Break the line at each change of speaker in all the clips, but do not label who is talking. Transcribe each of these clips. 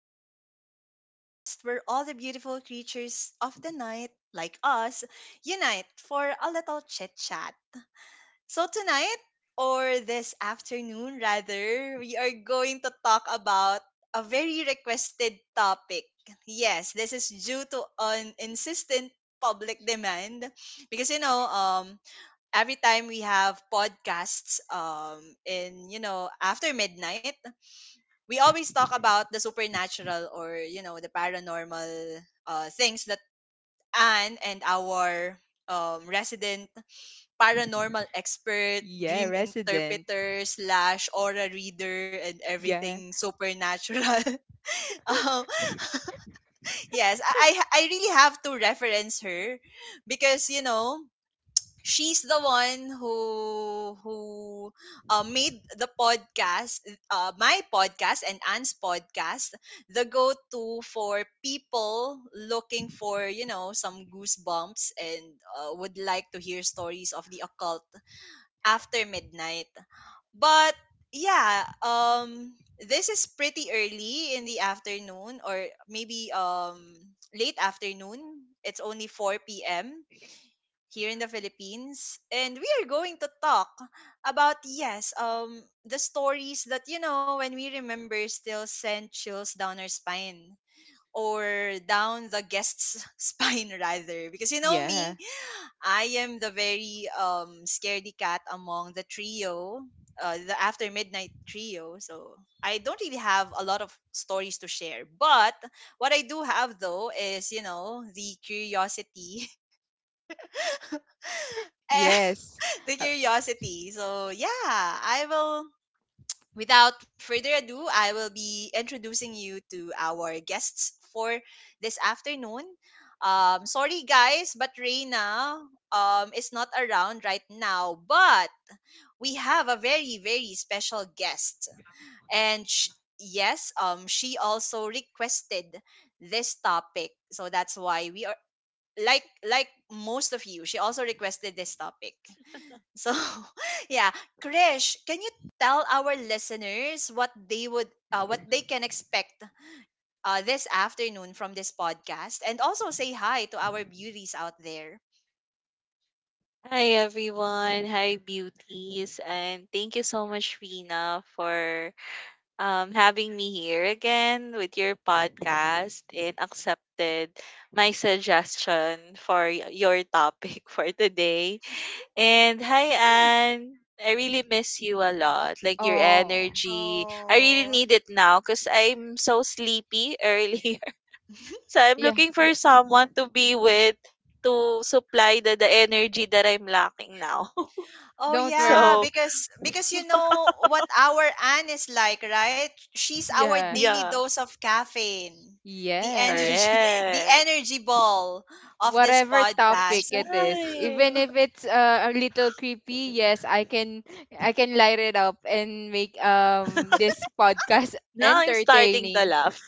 Sleepless Beauty podcast, where all the beautiful creatures of the night, like us, unite for a little chit chat. So, tonight, or this afternoon rather, we are going to talk about a very requested topic. Yes, this is due to an insistent public demand because every time we have podcasts in after midnight we always talk about the supernatural, or the paranormal things that Anne and our resident paranormal expert,
Yeah,
dream
resident.
interpreter slash aura reader, and
Yeah.
everything supernatural. um, yes, I really have to reference her because you know she's the one who made the podcast, my podcast and Anne's podcast, the go-to for people looking for some goosebumps and would like to hear stories of the occult after midnight. But yeah um this is pretty early in the afternoon, or maybe late afternoon. It's only 4 p.m here in the Philippines. And we are going to talk about, yes, the stories that, you know, when we remember still send chills down our spine, or down the guest's spine rather, because you know
Yeah.
me, I am the very scaredy cat among the trio, the after midnight trio. So I don't really have a lot of stories to share, but what I do have though is the curiosity.
Yes.
The
Uh,
curiosity. So yeah, I will. Without further ado, I will be introducing you to our guests for this afternoon. Sorry guys, but Reina is not around right now, but we have a very special guest, and yes, she also requested this topic, so that's why we are like most of you. She also requested this topic. So, yeah, Krish, can you tell our listeners what they can expect this afternoon from this podcast, and also say hi to our beauties out there.
Hi everyone. Hi beauties. And thank you so much Rina for having me here again with your podcast and accepted my suggestion for your topic for today. And hi Anne. I really miss you a lot. Like your
oh.
energy. I really
Oh.
need it now cuz I'm so sleepy earlier. So I'm
Yeah.
looking
D-
for someone to be with to supply the energy that I'm lacking now.
Oh
don't
yeah,
So
worry.
because you know what, our Anne is like, right? She's our
Yeah.
daily
yeah,
dose of caffeine. The
Yes.
energy, the
correct.
energy ball of this
Whatever
That's
topic
podcast.
it is, even
right.
if it's a little creepy, yes, I can light it up and make this podcast
Now I'm starting to
entertaining.
laugh.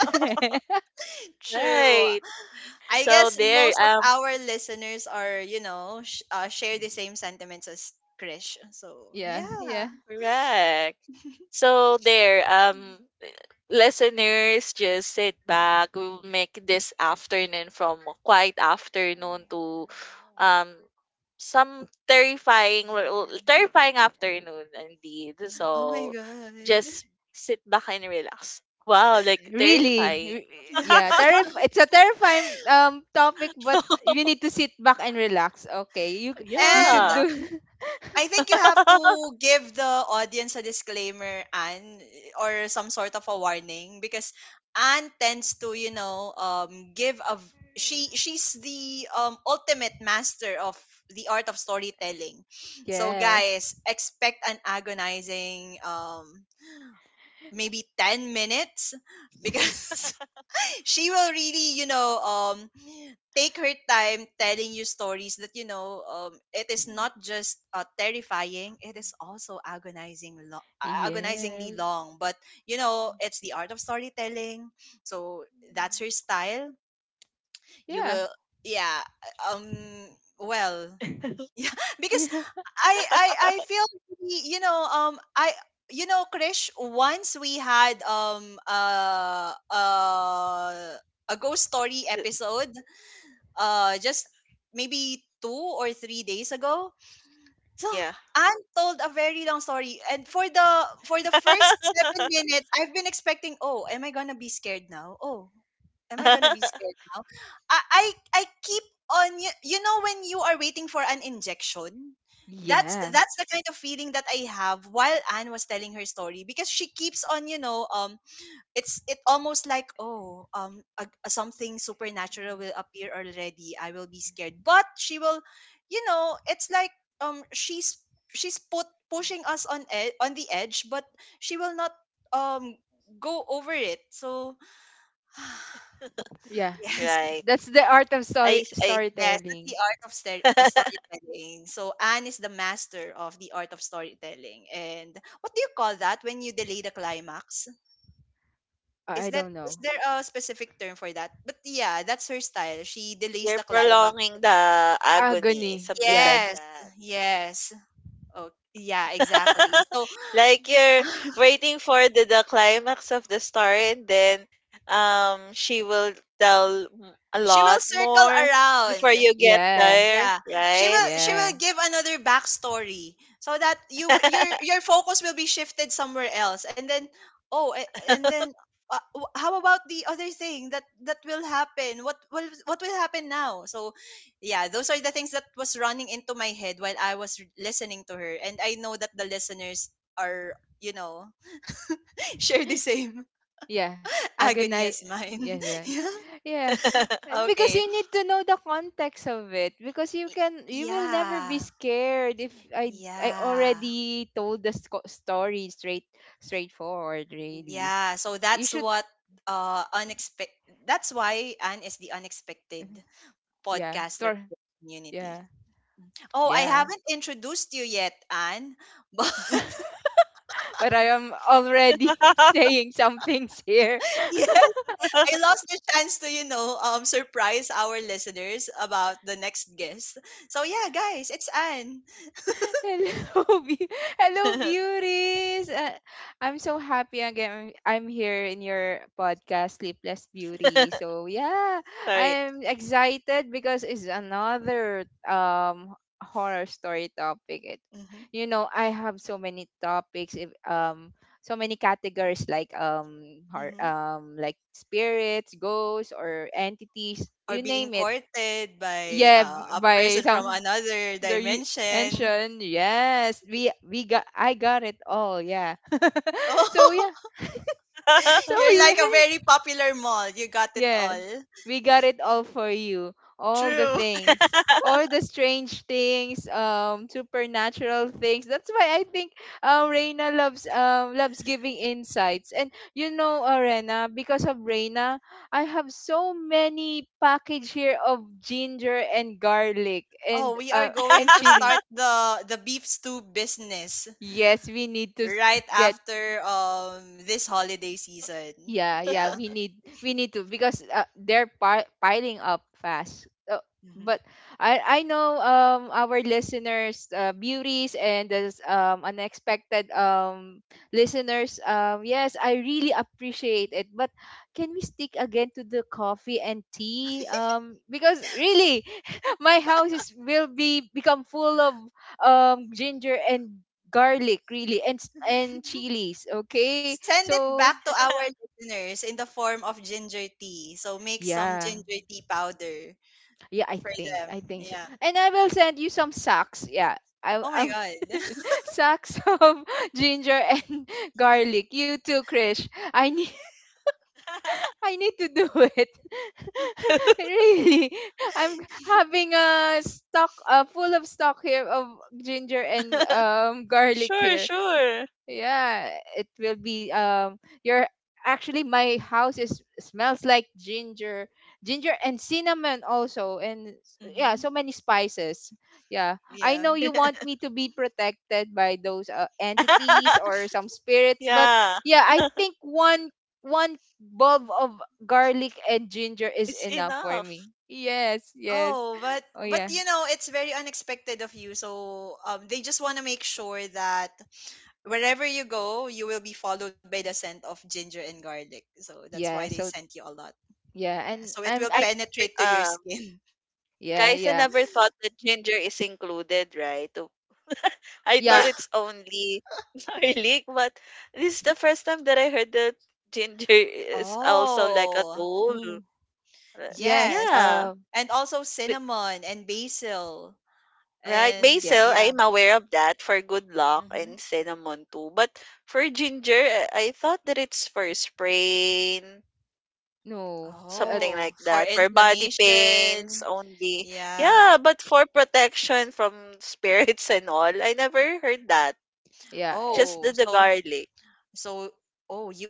True.
Right.
I
So
guess
there,
most of our listeners are, you know, share the same sentiments as Krish. So,
yeah,
yeah.
yeah.
correct. So there, listeners, just sit back. We'll make this afternoon from a quiet afternoon to um some terrifying terrifying afternoon indeed.
Oh my
So
god.
just sit back and relax. Wow, like
Really?
terrifying.
Yeah.
Yeah, it's a terrifying topic, but you need to sit back and relax. Okay, you
And
should
Yeah.
do.
I think you have to give the audience a disclaimer and or some sort of a warning, because Anne tends to, you know, give a she's the ultimate master of the art of storytelling. So
Yes.
guys, expect an agonizing maybe 10 minutes, because she will really take her time telling you stories that it is not just terrifying, it is also agonizing
Yes.
agonizingly long. But you know it's the art of storytelling, so that's her style. You
Yeah.
will, yeah, um well, yeah, because
Yeah.
I feel really, I, you know, Krish, once we had a ghost story
Yes.
episode, just maybe 2 or 3 days ago. So
Yeah.
Anne told a very long story, and for the first seven minutes, I've been expecting, oh, am I gonna be scared now? Oh, am I gonna be scared now? I I, I keep on, you know when you are waiting for an injection. That's
Yeah.
that's the kind of feeling that I have while Anne was telling her story, because she keeps on it's it almost like, oh a something supernatural will appear already, I will be scared, but she will, you know, it's like, um she's she's put pushing us on on the edge, but she will not um go over it. So
Yeah.
yes,
Right.
That's the art of
I
yes, that's
storytelling.
the art of storytelling. So anne is the master of the art of storytelling, and what do you call that when you delay the climax?
I
Is
I
that,
don't
is
know.
there a specific term for that? But yeah, that's her style. She delays
you're
the climax.
prolonging the agony,
Agony.
something
Yeah.
like
Yes.
that.
Yes. Oh, yeah, exactly. So
Like you're waiting for the climax of the story, and then she will a
she will
lot
circle
more before
around.
you get
Yeah.
there,
Yeah,
right?
she will
Yeah.
give another backstory so that your focus will be shifted somewhere else, and then oh, and then how about the other thing that will happen? What will, what will happen now? So, yeah, those are the things that was running into my head while I was listening to her, and I know that the listeners are, you know, share the same
Yeah,
agony as
agonize.
mine.
Yes, yeah,
yeah.
yeah. Uh,
Okay.
Because you need to know the context of it. Because you
Y-
can, you will never be
Yeah.
scared if I, I
Yeah.
already told the story straight, straightforward. Really,
Yeah, so
you
that's
should.
what unexpected, that's why Anne is the unexpected
Yeah,
podcaster of
stor
the
Yeah,
community. Oh, I
yeah.
haven't introduced you yet, Anne. But
But I am already saying some things here.
yes, I lost the chance to, you know, surprise our listeners about the next guest. So yeah, guys, it's Anne.
Hello, be- hello, beauties. I'm so happy again. I'm here in your podcast, Sleepless Beauty. So yeah,
Sorry.
I'm excited because it's another horror story topic.
Hmm.
You know, I have so many topics. If, so many categories like
Hmm.
like spirits, ghosts, or entities.
Or
You
being
name it.
courted by
Yeah,
a
by
person from
some
another
the
dimension.
ancient, yes, we got, I got it all, yeah. So yeah.
Oh,
So
you're like
yeah,
a very popular mall. You got it
yeah,
all.
we got it all for you, all the
True.
things, all the strange things, supernatural things. That's why I think Reina loves loves giving insights, and you know, Rena, because of Reina I have so many package here of ginger and garlic
Oh, we are going
and
to
chilies.
start the beef stew business
Yes, we need to
right
get.
after this holiday season.
Yeah, yeah,
Yeah.
we need to, because they're piling up fast. Uh,
Mhm.
but I I know our listeners, beauties, and those unexpected listeners, yes, I really appreciate it. But can we stick again to the coffee and tea, because really my house is will be become full of ginger and garlic really and and chilies, okay?
Send it
So
back to our listeners in the form of ginger tea. So make some
yeah,
ginger tea powder
yeah, I
for
think,
them.
I think so.
Yeah.
And I will send you some sacks, yeah. i
Oh my
I'll
god.
sacks of ginger and garlic, you too, Krish. I need I need to do it. Really, I'm having a stock, full of stock here of ginger and garlic
Sure,
here.
sure.
Yeah, it will be your, actually my house is smells like ginger, ginger and cinnamon also and yeah,
Hmm.
so many spices. Yeah. I
Yeah.
know you want me to be protected by those entities or some spirits, but
Yeah,
yeah, I think one, one bulb of garlic and ginger is
it's
enough for me.
enough.
Yes, yes.
Oh, but
Oh yeah.
you know, it's very unexpected of you. So they just want to make sure that wherever you go, you will be followed by the scent of ginger and garlic. So that's why
Yeah,
they
so
scent you a lot.
yeah,
Yeah. So it will
I
penetrate to your
uh
skin.
yeah,
Guys, I
yeah.
never thought that ginger is included, right? I thought
Yeah.
Yeah.
it's only garlic, but this is the first time that I heard that ginger is also like a
Oh,
tool.
Oh.
Uh,
Yes.
yes.
Yeah,
And also
b-
cinnamon and basil.
right.
And
Yeah.
Basil,
yeah.
I'm aware of that for good luck
Hmm.
and cinnamon too. But for ginger, I thought that it's for sprain,
No.
something
Oh,
like
for
that. For body pains
inflammation.
only.
Yeah.
Yeah, but for protection from spirits and all, I never heard that.
Yeah.
Just
Oh,
the
so
garlic.
so, oh, you,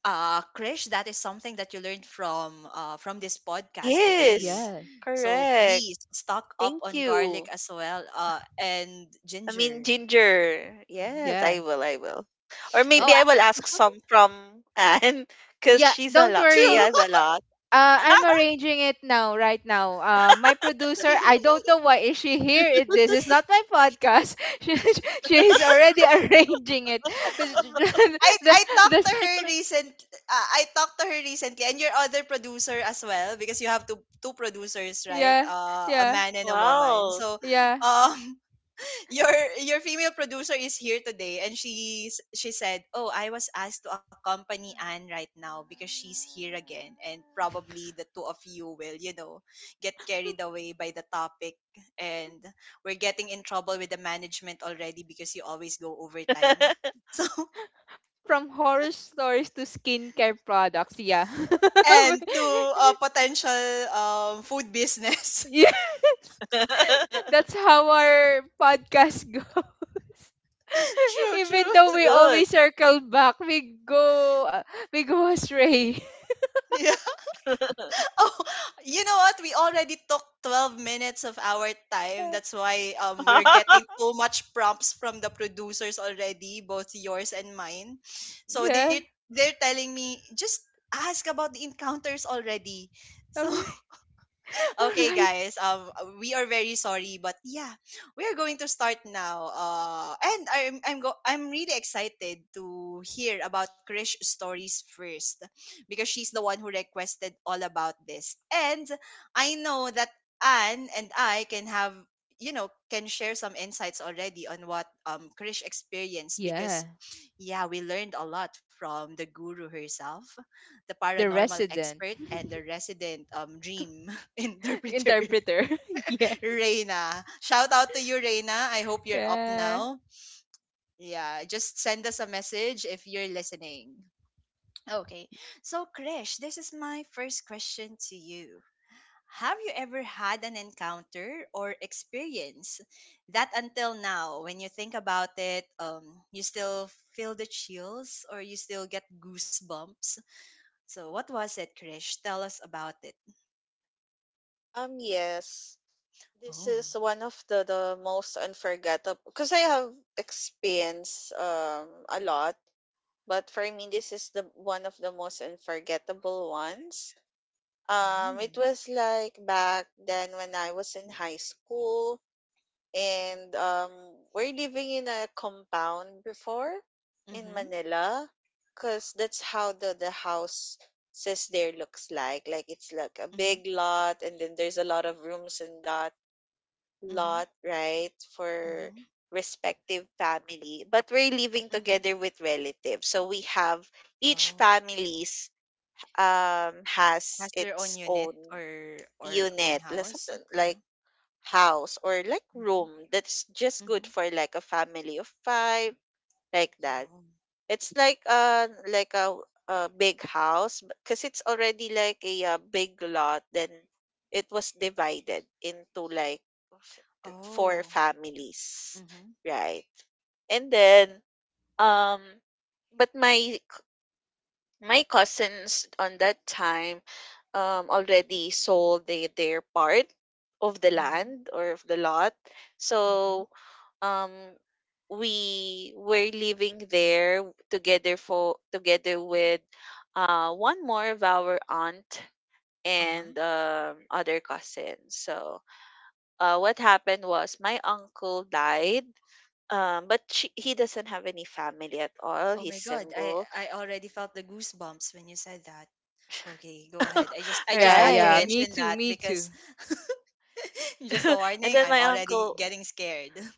Krish, that is something that you learned from this podcast today.
Yes,
Yes.
So
correct.
please stock up
Thank
on
you.
garlic as well, and
I mean,
ginger.
ginger.
Mhm.
Yes,
Yeah.
I will. Or
The-
Oh,
maybe I will ask some from Anne because
Yeah.
she's a
Don't
lot. She
true.
worry.
has a lot.
I'm arranging it now, right now. My producer, I don't know why is she here. It, this is not my podcast. She's already arranging it. the,
I talked to
The.
her recent. I talked to her recently, and your other producer as well, because you have two producers, right?
Yeah,
A
yeah,
man and a woman.
Wow.
So,
yeah.
um, your female producer is here today, and she said, oh, I was asked to accompany anne right now because she's here again, and probably the two of you will, you know, get carried away by the topic, and we're getting in trouble with the management already because you always go overtime. So
From horror stories to skincare products, yeah.
and to a potential food business.
Yes.
That's
That's how our podcast goes.
True, true.
Even though we
good.
always circle back, we go astray.
Oh, you know what? We already took 12 minutes of our time. That's why we're getting too much prompts from the producers already, both yours and mine. So
Yeah.
they're telling me just ask about the encounters already.
All
So
right. All
okay,
right.
guys. We are very sorry, but yeah, we are going to start now. And I'm really excited to hear about Krish stories first, because she's the one who requested all about this, and I know that Anne and I can have, you know, can share some insights already on what Krish experienced, because
Yeah.
yeah, we learned a lot from the guru herself, the
The
paranormal
resident
expert and the resident dream interpreter,
interpreter. Yeah.
Reina. Shout out to you, Reina. I hope you're up
Yeah.
now. Yeah, just send us a message if you're listening. Okay, so Krish, this is my first question to you. Have you ever had an encounter or experience that until now, when you think about it, you still feel the chills, or you still get goosebumps? So, what was it, Krish? Tell us about it.
Yes. This
Oh.
is one of the most unforgettable because I have experienced a lot, but for me this is the one of the most unforgettable ones.
Mm.
It was like back then when I was in high school, and we're living in a compound before in
Mm-hmm.
Manila, because that's how the house says there looks like it's like a
Mm-hmm.
big lot and then there's a lot of rooms and that
Mm-hmm.
lot, right, for
Mm-hmm.
respective family. But we're living
Mhm.
together with relatives. So we have each
Oh,
families has
has their own
its
unit
own
or own
unit, like
house?
something
Yeah.
like house or like
Mhm.
room that's just good
Mhm.
for like a family of five, like that.
Oh.
It's like a a big house because it's already like a, big lot. Then it was divided into like f- four
Oh.
families,
Mhm.
right? And then um, but my cousins on that time already sold their part of the
Mhm.
land or of the lot.
Mhm.
So um we were living there together with one more of our aunt
Uh-huh.
and other cousins. So what happened was my uncle died. But he doesn't have any family at all.
Oh
He's
my God.
single.
I already felt the goosebumps when you said that. Okay, go ahead. I
Yeah,
just had to
yeah.
Right.
Me
mention
too.
that
Me too.
because just a
And
warning,
then
I'm
my
already
uncle,
getting scared.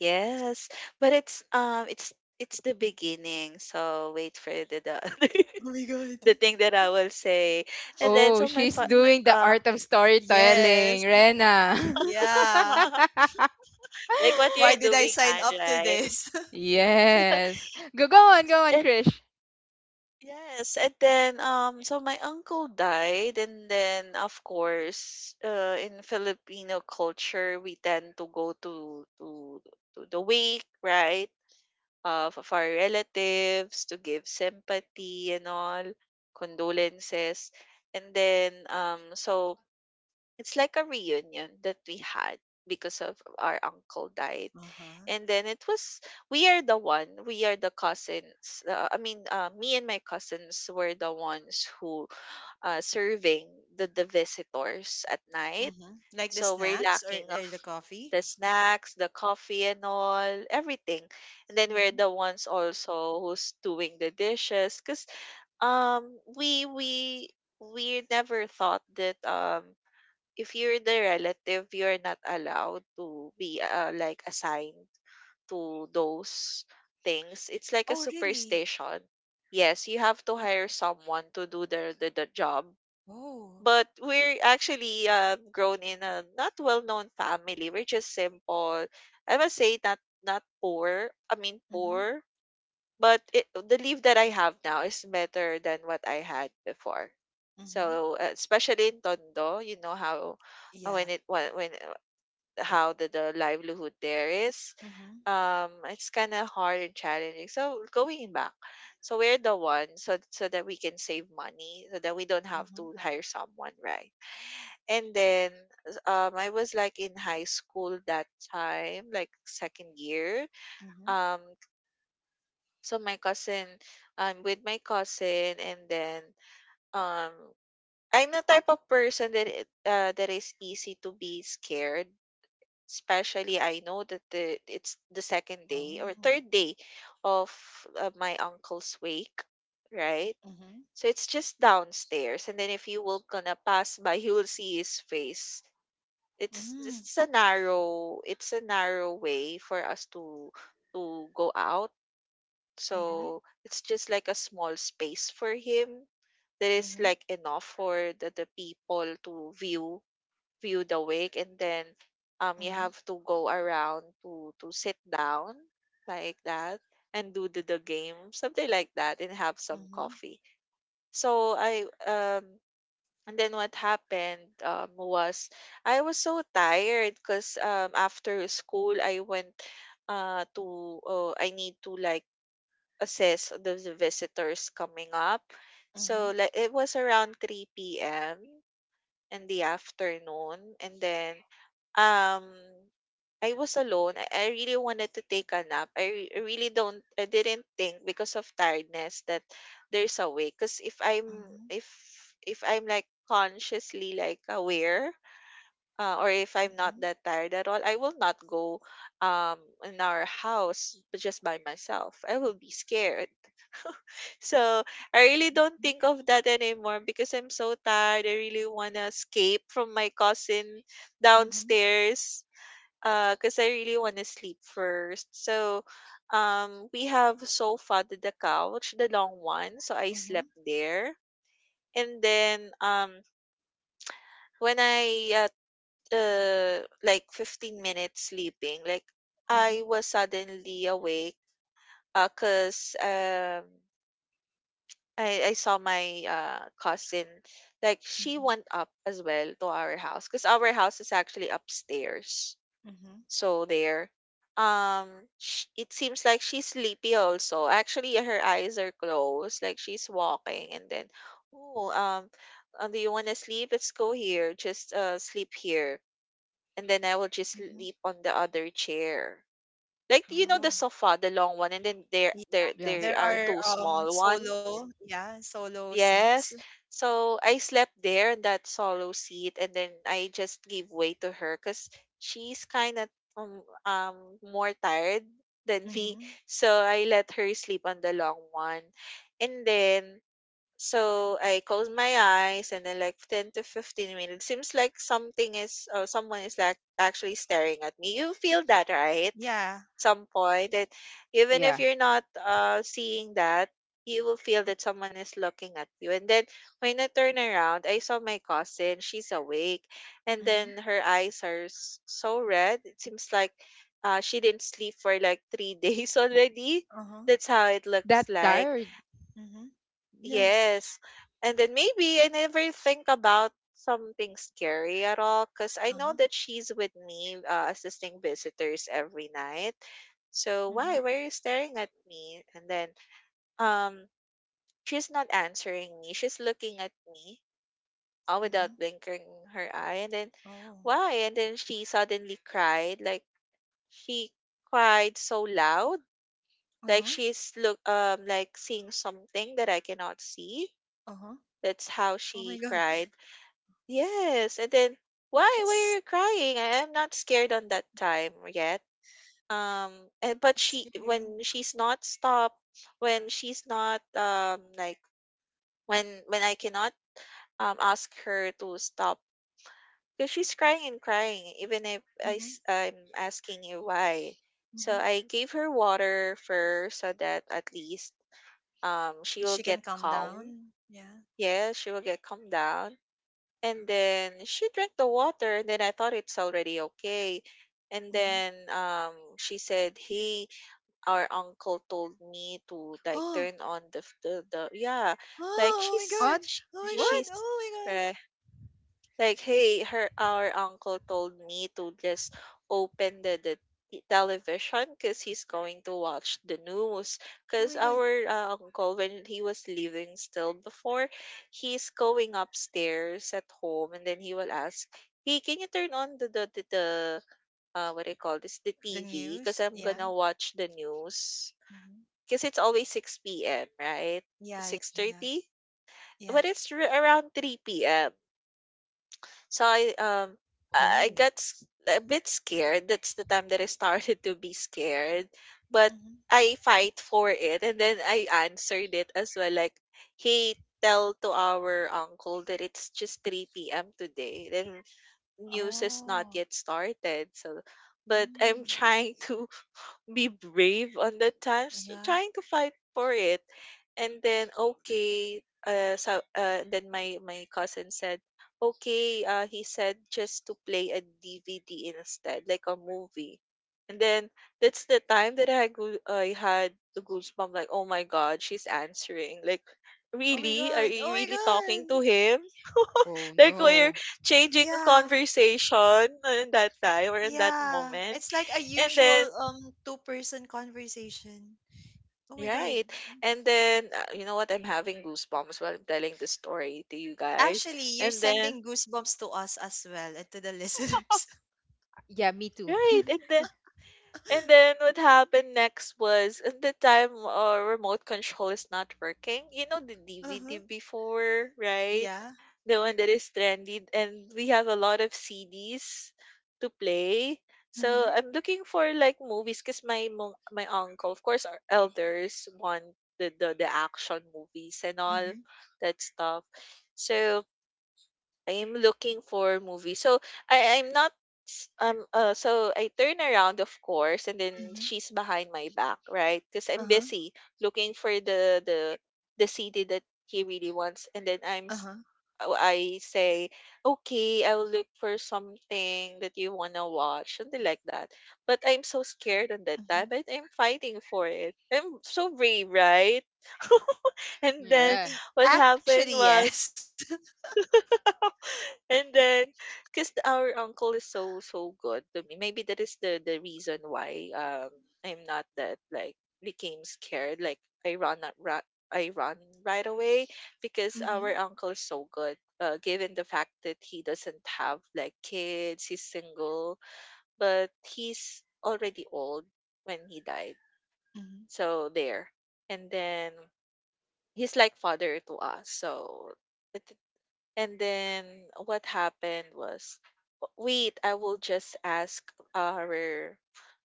yes, but it's the beginning. So wait for the
Oh my God.
the thing that I will say. And then
Oh,
so my,
she's
fa-
doing
Mhm.
the
my
art of storytelling,
Yes.
Rena.
Yeah.
Like what
Why
you're
did I
doing,
sign
Anne,
up to
right?
this?
Yes. Go go on, go on,
And
Krish.
yes, and then so my uncle died and then of course in Filipino culture we tend to go to the wake, right? Of our relatives to give sympathy and all condolences. And then so it's like a reunion that we had because of our uncle died.
Uh-huh.
And then it was we are the cousins. I mean, me and my cousins were the ones who serving the visitors at night.
Mm-hmm. Like the
So we're
snacks, or,
lacking of
or the coffee?
the snacks, the coffee and all, everything. And then we're
Mhm.
the ones also who's doing the dishes cuz um we we we never thought that if you're the relative, you're not allowed to be like assigned to those things. It's like a
Oh, really?
superstition. Yes, you have to hire someone to do the job.
Oh.
But we're actually grown in a not well-known family. We're just simple. I must say not poor. I mean
Mhm.
poor but it the leave that I have now is better than what I had before.
Mhm.
So, especially in Tondo, you know how
Yeah.
when how the livelihood there is,
Mhm.
it's kind of hard and challenging. So going back, so we're the one so that we can save money, so that we don't have
Mhm.
to hire someone, right? And then I was like in high school that time, like second year.
Mhm.
Um, so my cousin I'm with my cousin, and then um I'm the type of person that is easy to be scared. Especially I know that the it's the second day or
Oh.
third day of my uncle's wake, right?
Mhm.
So it's just downstairs and then if you will gonna pass by you will see his face.
Mm.
It's a narrow way for us to go out,
Mhm.
so it's just like a small space for him that is
Mhm.
like enough for the people to view the wake, and then you
Mhm.
have to go around to sit down like that and do the game, something like that, and have some coffee. So I um and then what happened was I was so tired because after school I went to I need to like assess the visitors coming up. So
Mhm.
like it was around 3 p.m. in the afternoon, and then um I was alone. I really wanted to take a nap. I really don't I didn't think because of tiredness that there's a way, because
Mhm.
if I'm like consciously like aware or if I'm
Mhm.
not
Mhm.
that tired at all, I will not go in our house, but just by myself I will be scared. So I really don't think of that anymore because I'm so tired. I really wanna escape from my cousin
Mhm.
downstairs. Cause I really wanna sleep first. So, we have sofa to the couch, the long one. So I
Mhm. Mhm.
slept there, and then when I at like 15 minutes sleeping, like
Mhm.
I was suddenly awake. Cause I saw my cousin, like she
Mhm.
went up as well to our house because our house is actually upstairs.
Mhm.
So there, um, sh it seems like she's sleepy also. Actually, her eyes are closed, like she's walking, and then, oh, do you want to sleep? Let's go here. Just sleep here, and then I will just
Mhm.
sleep on the other chair. Like you know the
Oh.
sofa, the long one, and then
Yeah.
Yeah.
there
There
are
are
two small one.
solo, yeah, solo seats.
Yes. So I slept there in that solo seat, and then I just gave way to her because she's kind of um, um more tired than me.
Mhm.
So I let her sleep on the long one. And then so I close my eyes, and then like 10 to 15 minutes seems like something is or someone is like actually staring at me. You feel that, right?
Yeah.
Some point that even if
Yeah.
you're not seeing that, you will feel that someone is looking at you. And then when I turn around, I saw my cousin, she's awake, and
Mhm.
then her eyes are so red. It seems like she didn't sleep for like 3 days already.
Uh-huh.
That's how it
Like that
looks like.
tired.
Mhm.
Yeah.
Yes. And then maybe I never think about something scary at all because I know
Uh-huh.
that she's with me assisting visitors every night. So why?
Mhm.
Why are you staring at me? And then um she's not answering me. She's looking at me all
Mhm.
without blinking her eye. And then
Oh.
why? And then she suddenly cried. Like she cried so loud. Like
Uh-huh.
she's look like seeing something that I cannot see,
Uh-huh.
that's how
Oh my
she
god.
cried. Yes, and then, "Why? Why are
It's
you crying? I am not scared on that time yet." And but
it's
she
scary.
when she's not stopped, when she's not like when I cannot ask her to stop, because she's crying and crying even if
Mm-hmm.
I'm asking you why. So
Mm-hmm.
I gave her water first so that at least she will
She
get
can calm
calm.
down. Yeah.
Yeah, she will get calmed down. And then she drank the water, and then I thought it's already okay. And
Mm-hmm.
then she said, "Hey, our uncle told me to like turn
Oh, oh,
on the yeah, like
oh my
What?
god. Oh my
What?
god.
she's
Oh my
right,
god.
like, hey, her our uncle told me to just open the t- television because he's going to watch the news." Because
Oh my
our
god.
uncle, when he was living still before, he's going upstairs at home, and then he will ask, "Hey, can you turn on the what do you call this the
The
TV? Because
news.
I'm gonna
Yeah.
watch the news.
Mm-hmm.
Because it's always six p.m. right?
Yeah. Yeah.
Six
Yeah.
thirty, but
Yeah.
it's around three p.m." So I
Oh.
got a bit scared. That's the time that I started to be scared. But
Mm-hmm.
I fight for it and then I answered it as well. Like he tell to our uncle that it's just 3 p.m. today. Then news is not yet
Oh.
started. So but I'm
Mm.
trying to be brave on the times
Yeah.
trying to fight for it. And then okay, then my cousin said, okay, he said just to play a DVD instead, like a movie. And then that's the time that I had the goosebump, like oh my god, she's answering. Like
Oh my
really, are
god.
you
Oh my
really talking to
god.
him?
Oh
Like we're
no.
changing a
Yeah.
conversation in that time or in that
Yeah.
moment.
It's like a
And
usual
then
two-person conversation. Oh my god.
right. And then, you know what? I'm having goosebumps while I'm telling the story to you guys.
Actually,
And
you're
then,
sending goosebumps to us as well, and to the listeners.
Yeah, me too.
right. And then what happened next was at the time remote control is not working. You know the DVD
uh-huh.
before, right?
Yeah.
The one that is trendy and we have a lot of CDs to play. So
Mm-hmm.
I'm looking for like movies because my uncle, of course, our elders want the action movies and all
Mm-hmm.
that stuff. So I'm looking for movies. So I I'm not s- so I turn around of course and then
Mm-hmm.
she's behind my back, right? Cuz I'm
Uh-huh.
busy looking for the CD that he really wants and then
Uh-huh.
oh, I say, "Okay, I'll look for something that you want to watch." Something like that. But I'm so scared on that time,
Mm-hmm.
but I'm fighting for it. I'm so brave, right? And then
Yeah.
what
Actually,
happened
yes.
was and then, because our uncle is so so good to me, maybe that is the reason why I'm not that like became scared. Like I run a- ra I run right away because
Mm-hmm.
our uncle is so good. Given the fact that he doesn't have like kids, he's single, but he's already old when he died.
Mm-hmm.
So there, and then he's like father to us. So it, and then what happened was, wait, I will just ask our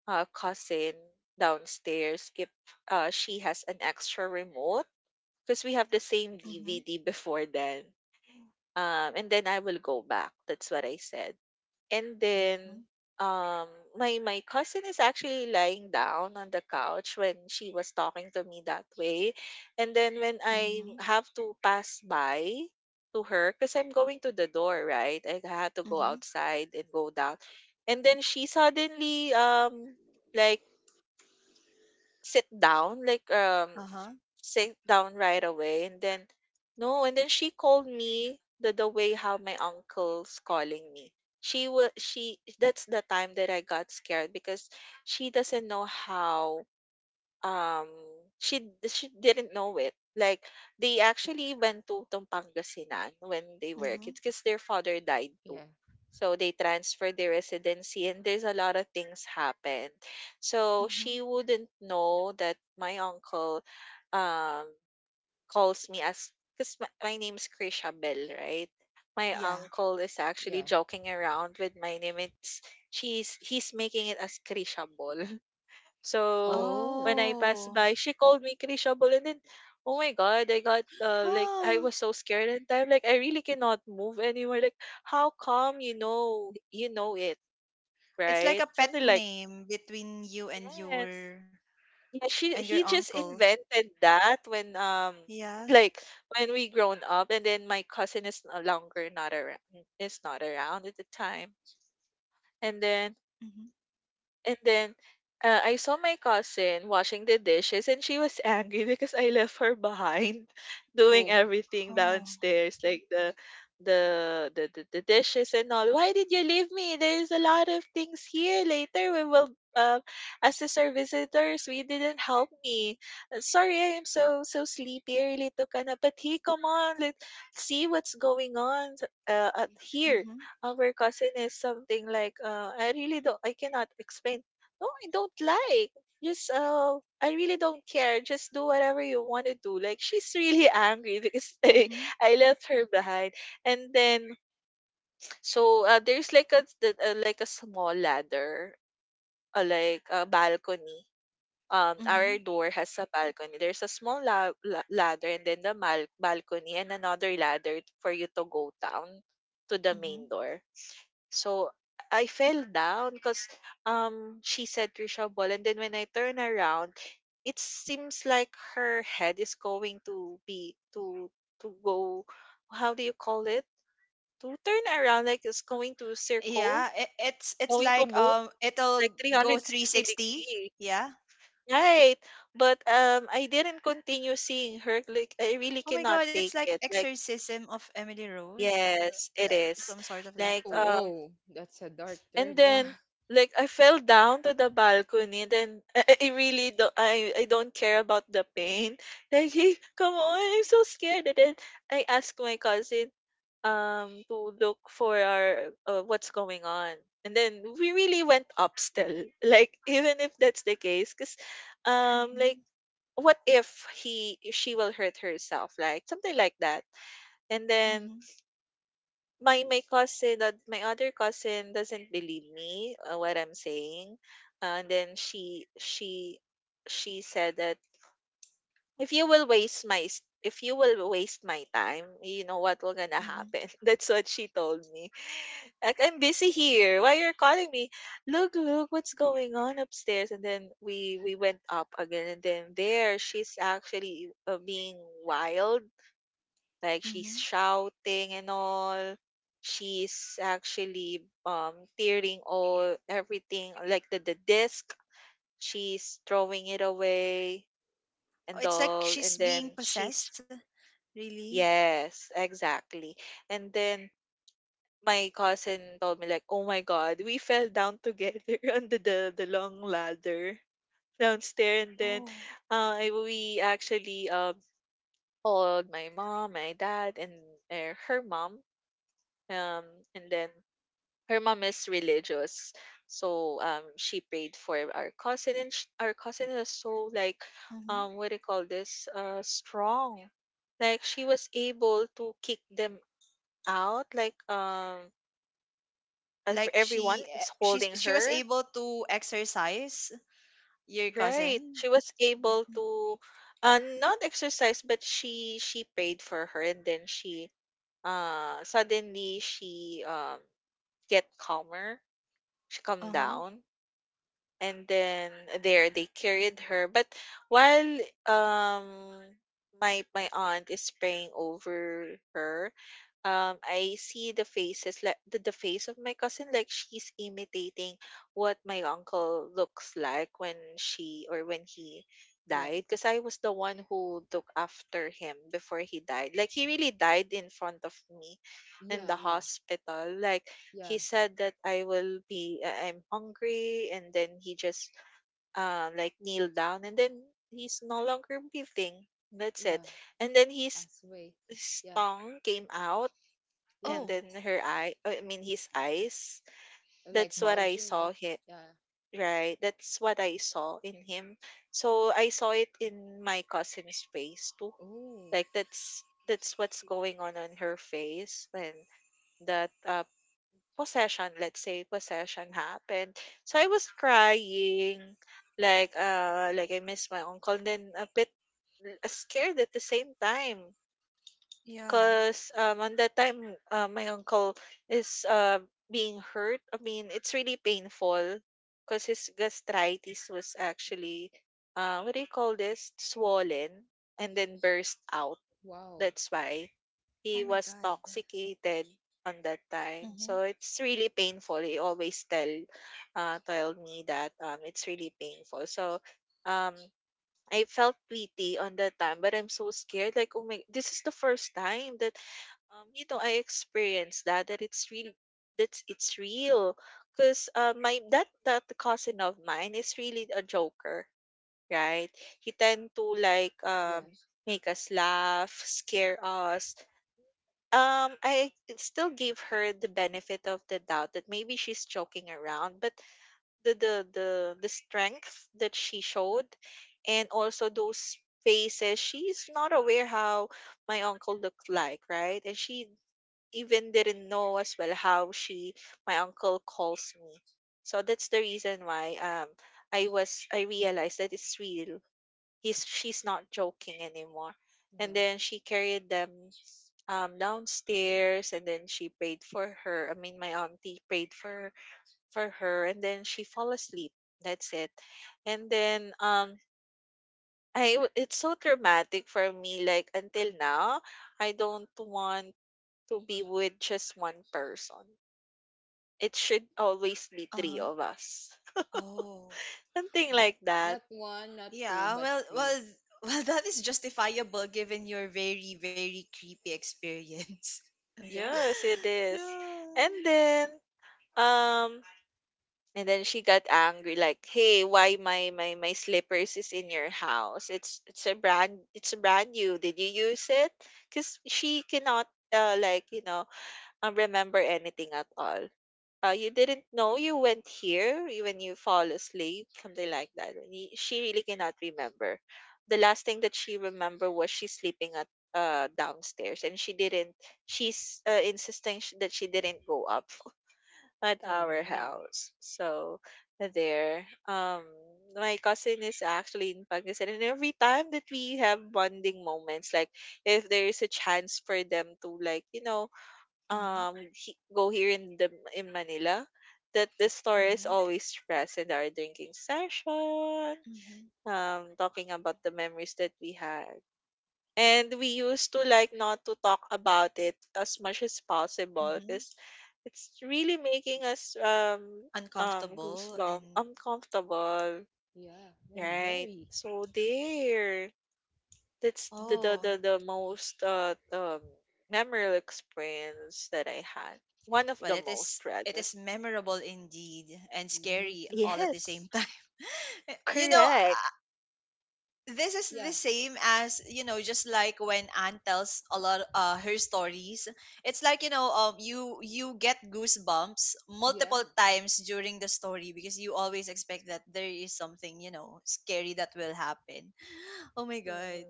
cousin downstairs if she has an extra remote because we have the same
Mm-hmm.
DVD before then. And then I will go back. That's what I said. And
Mm-hmm.
then, um, my cousin is actually lying down on the couch when she was talking to me that way. And then when I
Mm-hmm.
have to pass by to her, because I'm going to the door, right? I had to go
Mm-hmm.
outside and go down. And then she suddenly like like
Uh-huh.
sit down right away and then no and then she called me the way how my uncle's calling me. She that's the time that I got scared because she doesn't know how um she didn't know it like they actually went to Pangasinan when they were
Mm-hmm.
kids because their father died too,
Yeah.
so they transferred their residency and there's a lot of things happened, so she
Mm-hmm.
wouldn't know that my uncle um calls me as because my name's Krisha Bell, right? My
Yeah.
uncle is actually
Yeah.
joking around with my name. It's she's he's making it as Krisha Ball. So when
Oh.
I passed
Oh.
by, she called me Krisha Ball, and then oh my god, I got like I
Oh.
was so scared at the time. Like I really cannot move anywhere. Like how come you know it,
It's
right?
like a pet
Something like
name between you
yes. Yeah, she
and your
he just
uncle.
invented that when
Yeah.
like when we grown up and then my cousin is no longer not around is not around at the time. And then
Mm-hmm.
and then, I saw my cousin washing the dishes and she was angry because I left her behind doing
Oh.
everything
Oh.
downstairs, like the dishes and all. Why did you leave me? There's a lot of things here. Later we will assist our visitors. We didn't help me. Sorry, I'm so so sleepy. I really took a nap. But hey, come on, let's see what's going on here.
Mm-hmm.
Our cousin is something like, I really don't, I cannot explain. No, I don't like. Just, I really don't care. Just do whatever you want to do. Like, she's really angry because
Mm-hmm.
I left her behind. And then, so there's like a, like a small ladder, like a balcony. Our
Mm-hmm.
door has a balcony. There's a small ladder and then balcony and another ladder for you to go down to the main door, so I fell down because she said Trisha Ball and then when I turn around it seems like her head is going to be to go, how do you call it? To turn around like it's going to circle,
Yeah, it's
going to
like
move like
it'll go
360
360.
degree.
Yeah.
Right. But I didn't continue seeing her like I really
Oh my
cannot
god, it's
take
like
it. Like
Exorcism of Emily Rose.
yes, it
Like some
is.
sort of that.
Like
Oh.
Oh.
Oh. That's a dark
and
turn. Yeah.
then, like, I fell down to the balcony. Then I really don't, I don't care about the pain. Like, hey, come on, I'm so scared. And then I asked my cousin to look for our what's going on. And then we really went up still. Like, even if that's the case, because
Mhm.
like, what if he she will hurt herself, like something like that. And then
Mhm.
my cousin that my other cousin doesn't believe me what I'm saying. And then she she said that if you will waste my s- if you will waste my time, you know what will gonna
Mhm.
happen. That's what she told me. Like I'm busy here. Why you're calling me? Look, look, what's going on upstairs? And then we went up again, and then there she's actually being wild, like she's
Mhm.
shouting and all. She's actually tearing all everything like the disc, she's throwing it away
Oh,
and
it's like
all
she's
and then
being
she's
possessed, really.
yes, exactly. And then my cousin told me like, "Oh my god, we fell down together on the long ladder downstairs and then
Oh.
we actually called my mom, my dad, and her mom. Um, and then her mom is religious, so she prayed for our cousin and our cousin is so like
Mhm.
what do you call this strong, like she was able to kick them out like
Like
everyone is
she's
holding
she was
her.
able to exorcise your
Right,
cousin.
she was able
Mm-hmm.
to not exercise but she prayed for her and then she suddenly she get calmer, she calmed
Uh-huh.
down and then there they carried her but while um my aunt is praying over her I see the faces like the face of my cousin like she's imitating what my uncle looks like when she or when he
Yeah.
died because I was the one who took after him before he died, like he really died in front of me in
Yeah.
the
Yeah.
hospital, like
Yeah.
he said that I will be I- I'm hungry and then he just like kneel down and then he's no longer breathing. That's it.
Yeah.
And then
Pass away.
his
Yeah.
tongue came out
Yeah.
and
Oh,
then her eye I mean his eyes.
Like
That's what I
bulging. Like
saw him,
yeah.
right. That's what I saw in him. So I saw it in my cousin's face too.
Oh.
Like that's what's going on her face when that possession, let's say possession happened. So I was crying, like I miss my uncle, then a bit scared at the same time,
yeah.
cause on that time my uncle is being hurt. I mean it's really painful, cause his gastritis was actually what do you call this swollen and then burst out,
Wow.
that's why
Oh
he
my
was
god.
toxicated on that time. So
Mhm.
it's really painful. He always tell tell me that it's really painful. So um I felt pity on that time, but I'm so scared. Like, oh my, this is the first time that you know I experienced that that it's really That's it's real. Cause my that cousin of mine is really a joker, right? He tend to like
Yeah.
make us laugh, scare us, I still gave her the benefit of the doubt that maybe she's joking around, but the strength that she showed, and also those faces. She's not aware how my uncle looked like, right? And she even didn't know as well how she my uncle calls me. So that's the reason why I realized that it's real. He's She's not joking anymore. And
Yeah.
then she carried them downstairs and then she prayed for her. I mean my auntie prayed for her and then she fall asleep. That's it. And then it's so traumatic for me like until now I don't want to be with just one person. It should always be
Uh-huh.
three of us.
Oh.
Something
Not
like that.
not one, not two,
Yeah,
but three.
well, that is justifiable given your very, very creepy experience.
Yeah.
Yes, it is.
yeah.
And then um And then she got angry, like, "Hey, why my slippers is in your house? It's a brand new. Did you use it?" Because she cannot like remember anything at all. You didn't know you went here when you fall asleep, something like that. She really cannot remember. The last thing that she remember was she sleeping at downstairs, and she didn't. She's insisting that she didn't go up at
Oh
our
no.
house. So there, my cousin is actually in Pakistan, and every time that we have bonding moments, like if there is a chance for them to,
Uh-huh.
go here in the in Manila, that the story is
Mm-hmm.
always present. Our drinking session,
Mm-hmm.
talking about the memories that we had. And we used to like not to talk about it as much as possible
Mm-hmm.
because it's really making us
Uncomfortable
goosebump
and
uncomfortable,
Yeah. Yeah.
hmm
right?
Very.
So there, that's the
Oh.
the
oh,
the, the most memorable experience that I had. One of
well,
the most
it
rather.
is memorable indeed and
Me
scary
too.
all at the
Yes,
same time. you know,
correct.
this is the
Yeah.
same as just like when Anne tells a lot her stories it's like you get goosebumps multiple
Yeah.
times during the story because you always expect that there is something scary that will happen. Oh my god.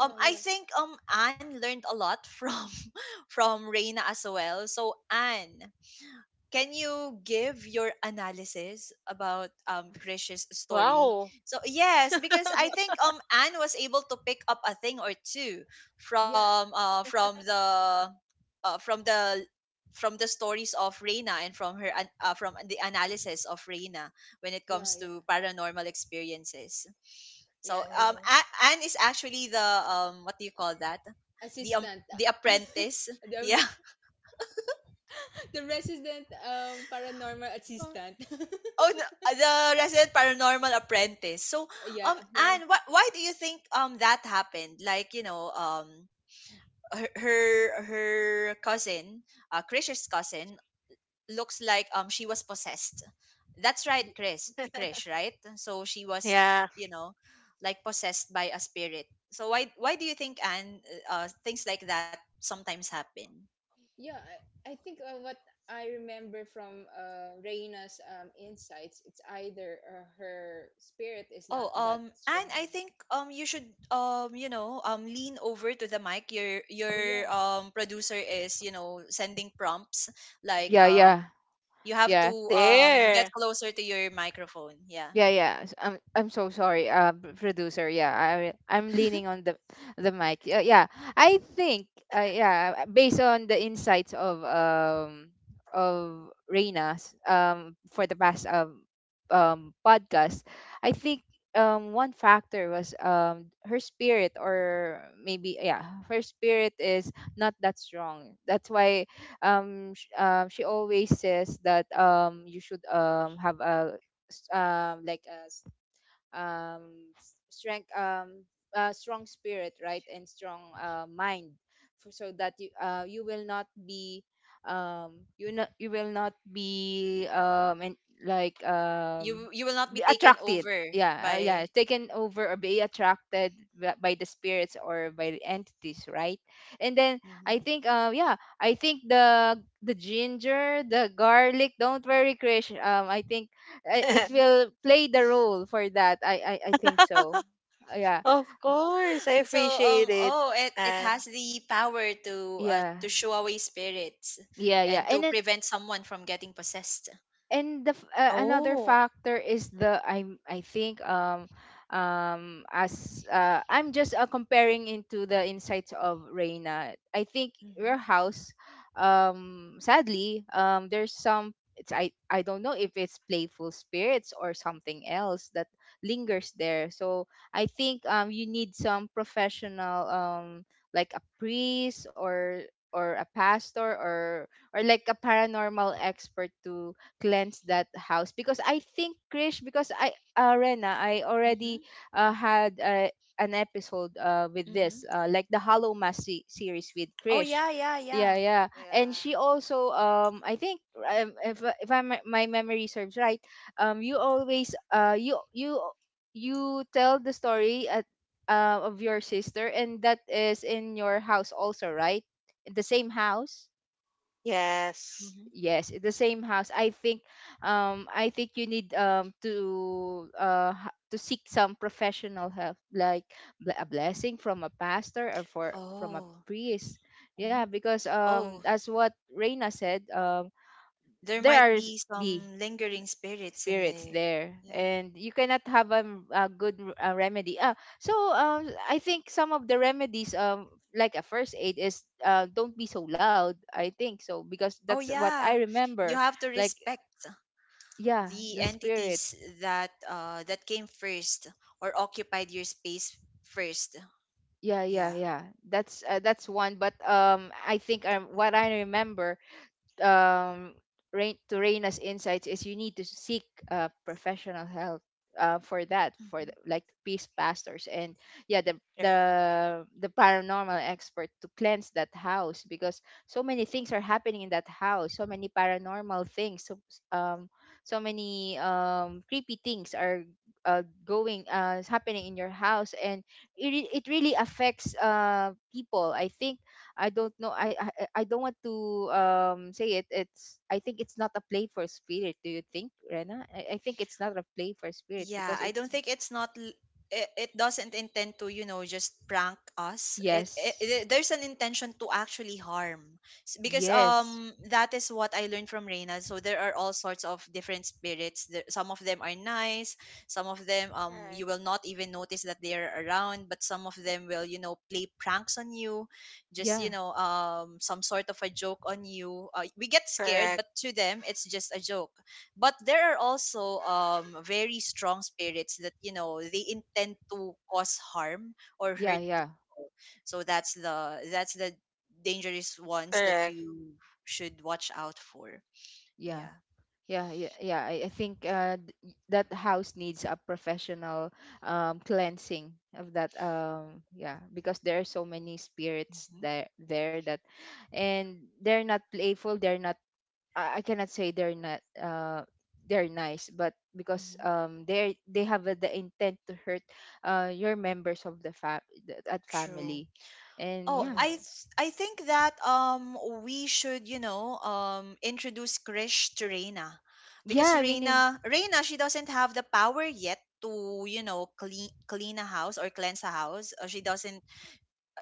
um i
Yeah.
think um Anne learned a lot from from Reina as well, so Anne, can you give your analysis about Krish's story?
Wow.
So yes, because I
Yeah.
think Anne was able to pick up a thing or two
Yeah,
from uh from the from the stories of Reina and from her from the analysis of Reina when it
yeah,
comes
yeah,
to paranormal experiences. So
yeah.
Mhm.
Anne is actually the what do you call that?
Assistant,
The apprentice. Yeah.
the the resident paranormal assistant.
Oh, no, the Resident Paranormal Apprentice. So,
Yeah, a friend.
Anne, why do you think that happened? Like, you know, her, her cousin, Krish's cousin, looks like she was possessed. That's right,
Y-
Chris, Krish, right? So she was,
Yeah,
you know, like possessed by a spirit. So why do you think Anne things like that sometimes happen?
Yeah, I think what I remember from Reina's insights, it's either her spirit is not
Oh,
that
and I
strong.
think you should lean over to the mic. Your
Oh yeah,
producer is sending prompts like
yeah, yeah,
you have
yeah.
to get
there.
closer to your microphone. Yeah,
Yeah, yeah. I'm so sorry, producer. Yeah, I I'm leaning on the mic. Yeah, I think yeah, based on the insights of Reina's for the past podcast, I think one factor was her spirit, or maybe yeah her spirit is not that strong. That's why she always says that you should have a like a um strength, strong spirit, right, and strong mind, for, so that you will not be you not you will not be and like
you will not be
be
taken
attracted,
over
yeah, yeah,
by.
taken over or be attracted by the spirits or by the entities, right? And then
Mhm.
I think, yeah, I think the ginger, the garlic, don't worry, Krish. I think, it will play the role for that. I think so. Yeah.
Of course, I
So
appreciate it.
oh, it
And
has the power to
Yeah.
show away spirits
Yeah, yeah.
and to
And then
prevent someone from getting possessed.
and the another
oh,
factor is the, I'm I think as I'm just comparing into the insights of Reina. I think
Mm-hmm.
your house sadly there's some, it's, I don't know if it's playful spirits or something else that lingers there. So I think you need some professional like a priest or a pastor or like a paranormal expert to cleanse that house, because I think, Krish, because I, Rena, I
Mm-hmm.
already had an episode with this
Mm-hmm.
like the Hollow Mass series with
Oh,
Krish.
yeah.
Yeah, yeah, and she
yeah.
also, I think, if I my memory serves right, you always you tell the story at, of your sister, and that is in your house also, right? In the same house.
Yes.
Mm-hmm.
Yes, the same house. I think you need to seek some professional help like a blessing from a pastor or for from a
Oh.
priest. Yeah,
Mhm.
because
Oh,
as what Reina said,
there
there
might
are s-
be
be
some lingering spirits in
spirits
there.
there,
Yeah.
and you cannot have a good a remedy. Ah, so I think some of the remedies, like a first aid is, don't be so loud, I think so, because
Oh,
that's what
yeah.
I remember,
You have to
like,
respect
yeah,
the
the
entities
spirits,
Mm-hmm.
that that came first or occupied your space first.
yeah, yeah,
Yeah.
yeah, that's one. But I think, what I remember, um, rain to rain insights, is you need to seek professional help for that, for the,
Mm-hmm.
like peace pastors and yeah, the
Mm-hmm. Right.
the the paranormal expert to cleanse that house, because so many things are happening in that house, so many paranormal things, so um so many creepy things are going is happening in your house, and it really affects people, I think. I don't know. I I don't want to say it. It's, I think it's not a play for spirit. Do you think, Rena? I think it's not a play for spirit,
Yeah,
because
I don't
it's
think it's not l- it doesn't intend to, you know, just prank us.
yes,
There's an intention to actually harm. Because
yes,
that is what I learned from Reina. So there are all sorts of different spirits. There, some of them are nice, some of them
All
you
right.
will not even notice that they are around, but some of them will, you know, play pranks on you, just, you
yeah,
know, some sort of a joke on you. We get scared,
Correct.
but to them it's just a joke. But there are also very strong spirits that you know they intend to cause harm or
yeah,
hurt
yeah,
people. So that's the dangerous ones that
Correct.
you should watch out for.
yeah.
Yeah.
Yeah, yeah, yeah. I think, that house needs a professional cleansing of that. Yeah, because there are so many spirits
hmm
there, there that, and they're not playful. They're not, I cannot say they're not they're nice, but because
hmm
they have the intent to hurt your members of the fam the- at
True.
family, and
Oh,
yeah,
Mm-hmm.
I think that we should you know introduce Krish to Reina
yeah,
because
I mean,
Reina, she doesn't have the power yet to you know clean a house or cleanse a house, or she doesn't,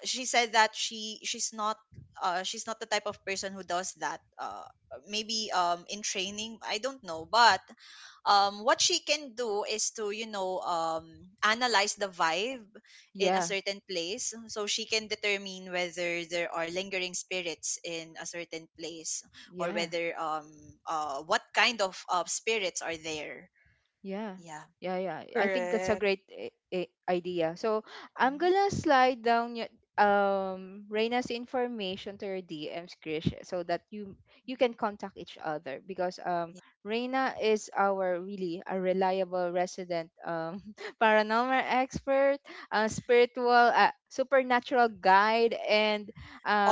she said that she's not, she's not the type of person who does that. Maybe in training, I don't know, but what she can do is to you know analyze the vibe in a
yeah,
certain place, so she can determine whether there are lingering spirits in a certain place or
yeah.
whether what kind of spirits are there.
Yeah.
Yeah.
Yeah, yeah. I think that's a
Correct.
great idea. So, I'm
Mhm.
gonna slide down your Reina's information to your DMs, Krish, so that you can contact each other, because
Yeah,
Reina is our really a reliable resident paranormal expert, a spiritual, supernatural guide, and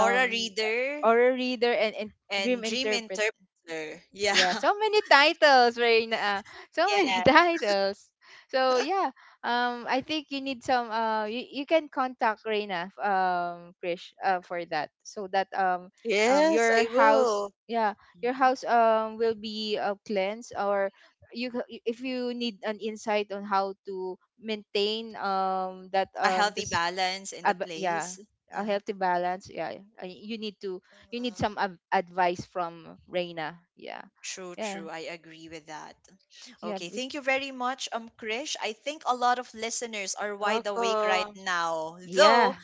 aura reader
aura reader, and
and
dream
dream
interpreter.
interpreter, yeah.
Yeah, so many titles, Reina. So
Yeah.
many titles. So yeah, I think you need some. You, you can contact Reina, Krish, for that, so that
Yes,
your
I
house,
will.
yeah, your
Mhm.
house will be cleansed, or you if you need an insight on how to maintain that
A healthy
this
balance in the
yeah,
place.
a
Yeah,
healthy balance, yeah, you need to you need
Mm-hmm.
some advice from Reina, yeah,
true,
yeah,
true. I agree
Mm-hmm.
with that.
yeah,
Okay, thank you very much, Krish. I think a lot of listeners are wide awake right
Welcome.
now,
yeah.
though.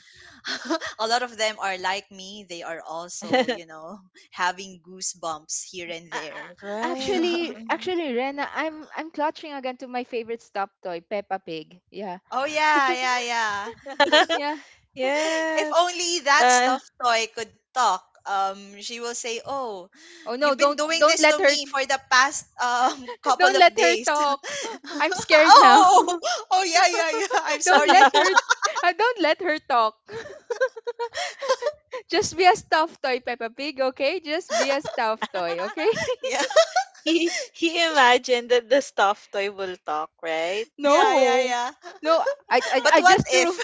A lot of them are like me. They are also, you know, having goosebumps here and there.
A-
Right.
Actually,
Mhm.
actually, Rena, I'm clutching again to my favorite stop toy Peppa Pig, yeah.
Oh, yeah, yeah, yeah.
Yeah.
If
Yes.
only that
Uh,
stuffed toy could talk, she will say, oh,
Oh no,
you've been
don't,
doing
don't
this to
let her
me for the past couple
don't
of
let her
days.
talk.
Oh,
I'm scared now.
oh oh oh yeah, yeah, yeah, I'm
Don't let
sorry.
her, don't let her talk. Just be a stuffed toy, Peppa Pig, okay? Just be a stuffed toy, okay?
yeah
he imagined that the stuffed toy will talk, right?
yeah yeah
No,
yeah
no,
But
I
what
just
if
threw,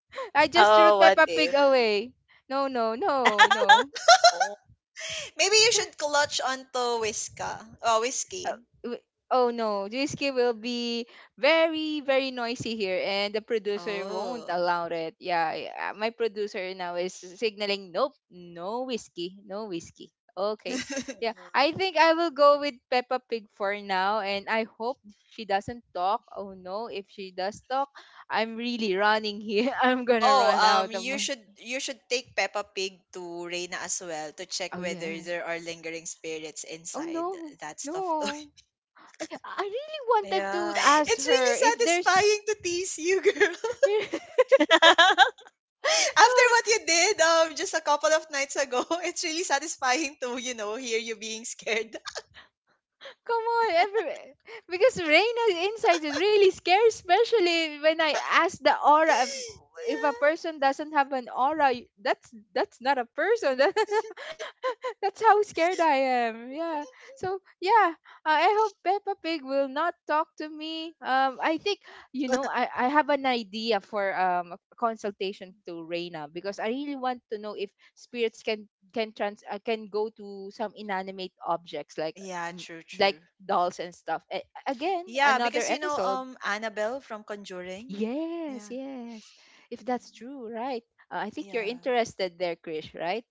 I just threw
Oh, what
Peppa Pig
if?
away. No, no, no, no.
Oh,
maybe you should clutch onto whiska whiskey.
Uh, w- Oh no, whiskey will be very, very noisy here, and the producer won't
Oh.
allow it. Yeah, yeah, my producer now is signaling, nope, no whiskey, no whiskey. Okay, yeah,
uh
I think I will go with Peppa Pig for now, and I hope she doesn't talk. Oh no, if she does talk, I'm really running here. I'm gonna
Oh,
run out of.
you should take Peppa Pig to Reina as well to check
Oh
whether
yeah.
there are lingering spirits
Oh
inside
no,
that stuff.
no. I really wanted to
yeah.
ask
It's
her
really
if there's.
satisfying to tease you, girl.
No.
After what you did just a couple of nights ago, it's really satisfying to, you know, hear you being scared.
Come on, every, because Reina's insights is really scary, especially when I ask the aura. If if a
yeah.
person doesn't have an aura, that's not a person. That's how scared I am. Yeah. So yeah, I hope Peppa Pig will not talk to me. I think I have an idea for a consultation to Reina because I really want to know if spirits can go to some inanimate objects, like,
Yeah,
mm,
true,
like
true.
dolls and stuff. Again,
Yeah,
another
because you know,
episode.
Annabelle from Conjuring.
Yes,
Yeah,
yes. If that's true, right? I think you're
yeah.
interested there, Krish. Right?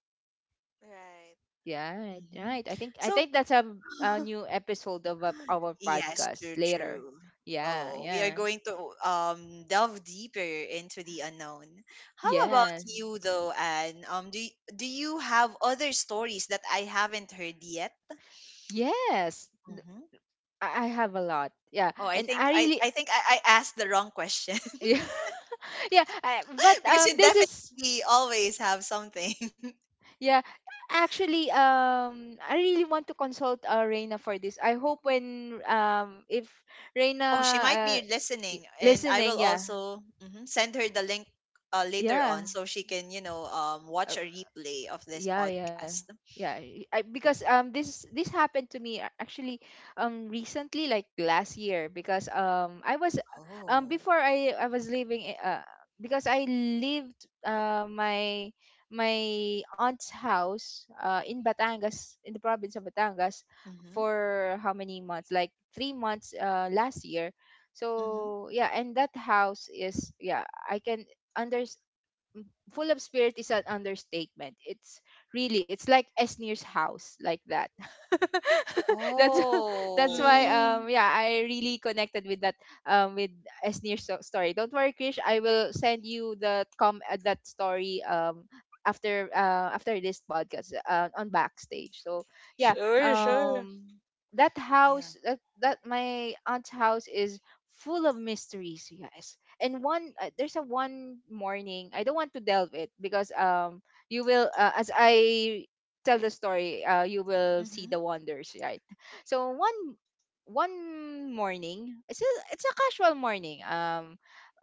Right.
Yeah, right,
Hmm.
right. I think I
So,
think that's a new episode of our
yes,
podcast
true,
later.
true.
Yeah,
Oh, we are
yeah.
going to delve deeper into the unknown. How about
Yes.
you though, Anne? Do you have other stories that I haven't heard yet?
Yes.
Hmm.
I have a lot. Yeah.
Oh, I
And
think
I really.
I asked the wrong question.
Yeah. Yeah, but
Because you
this is,
definitely always have something.
yeah, actually I really want to consult Reina for this. I hope when, if Reina,
Oh, she might be
uh
listening, and I will
listening, yeah.
also mhm, send her the link later on
Yeah.
so she can you know watch a replay of this
Yeah, yeah,
podcast.
because this happened to me, actually recently, like last year, because I was,
Oh.
before I was because I lived my aunt's house, in Batangas, in the province of Batangas,
Mhm,
for how many months, like 3 months, last year.
mhm.
So yeah, and that house is, yeah, I can under full of spirit is an understatement. It's really, it's like Esnir's house, like that. That's that's why,
Oh.
Mm,
yeah, I really connected with that, with story. Don't worry, Krish. I will send you the com that story, after after this podcast, on backstage. So yeah,
sure,
Mhm.
sure.
um that
Yeah.
house, that my aunt's house, is full of mysteries, you guys. And one there's a one morning. I don't want to delve it because, you will, as I tell the story, you will see
Mhm,
the wonders, right? So one morning, it's a casual morning.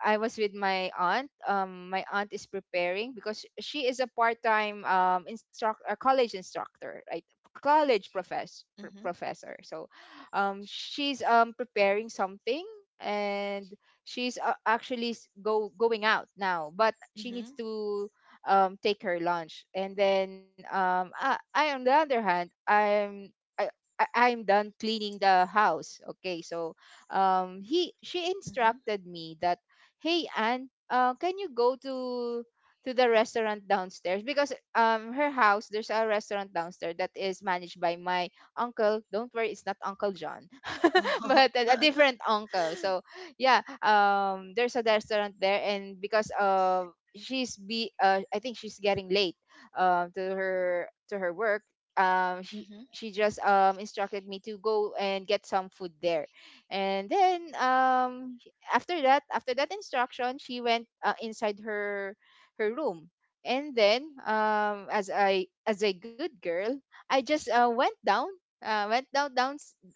I was with my aunt. My aunt is preparing because she is a part-time, instruct a college instructor, right?
mhm,
Professor. So she's, preparing something, and she's, actually s- go going out now, but she needs
mhm,
to, take her lunch. And then, I, on the other hand, I, I'm done cleaning the house. Okay, so, he she
mhm.
instructed me that, hey Anne, can you go to the restaurant downstairs, because, her house, there's a restaurant downstairs that is managed by my uncle. Don't worry, it's not Uncle John,
Oh.
but a different uncle. So yeah, there's a restaurant there, and because, she's be I think she's getting late, to her work. um she
Mhm.
she just, instructed me to go and get some food there. And then, after that instruction, she went, inside her room. And then, as I as a good girl, I just, went down, uh, went down down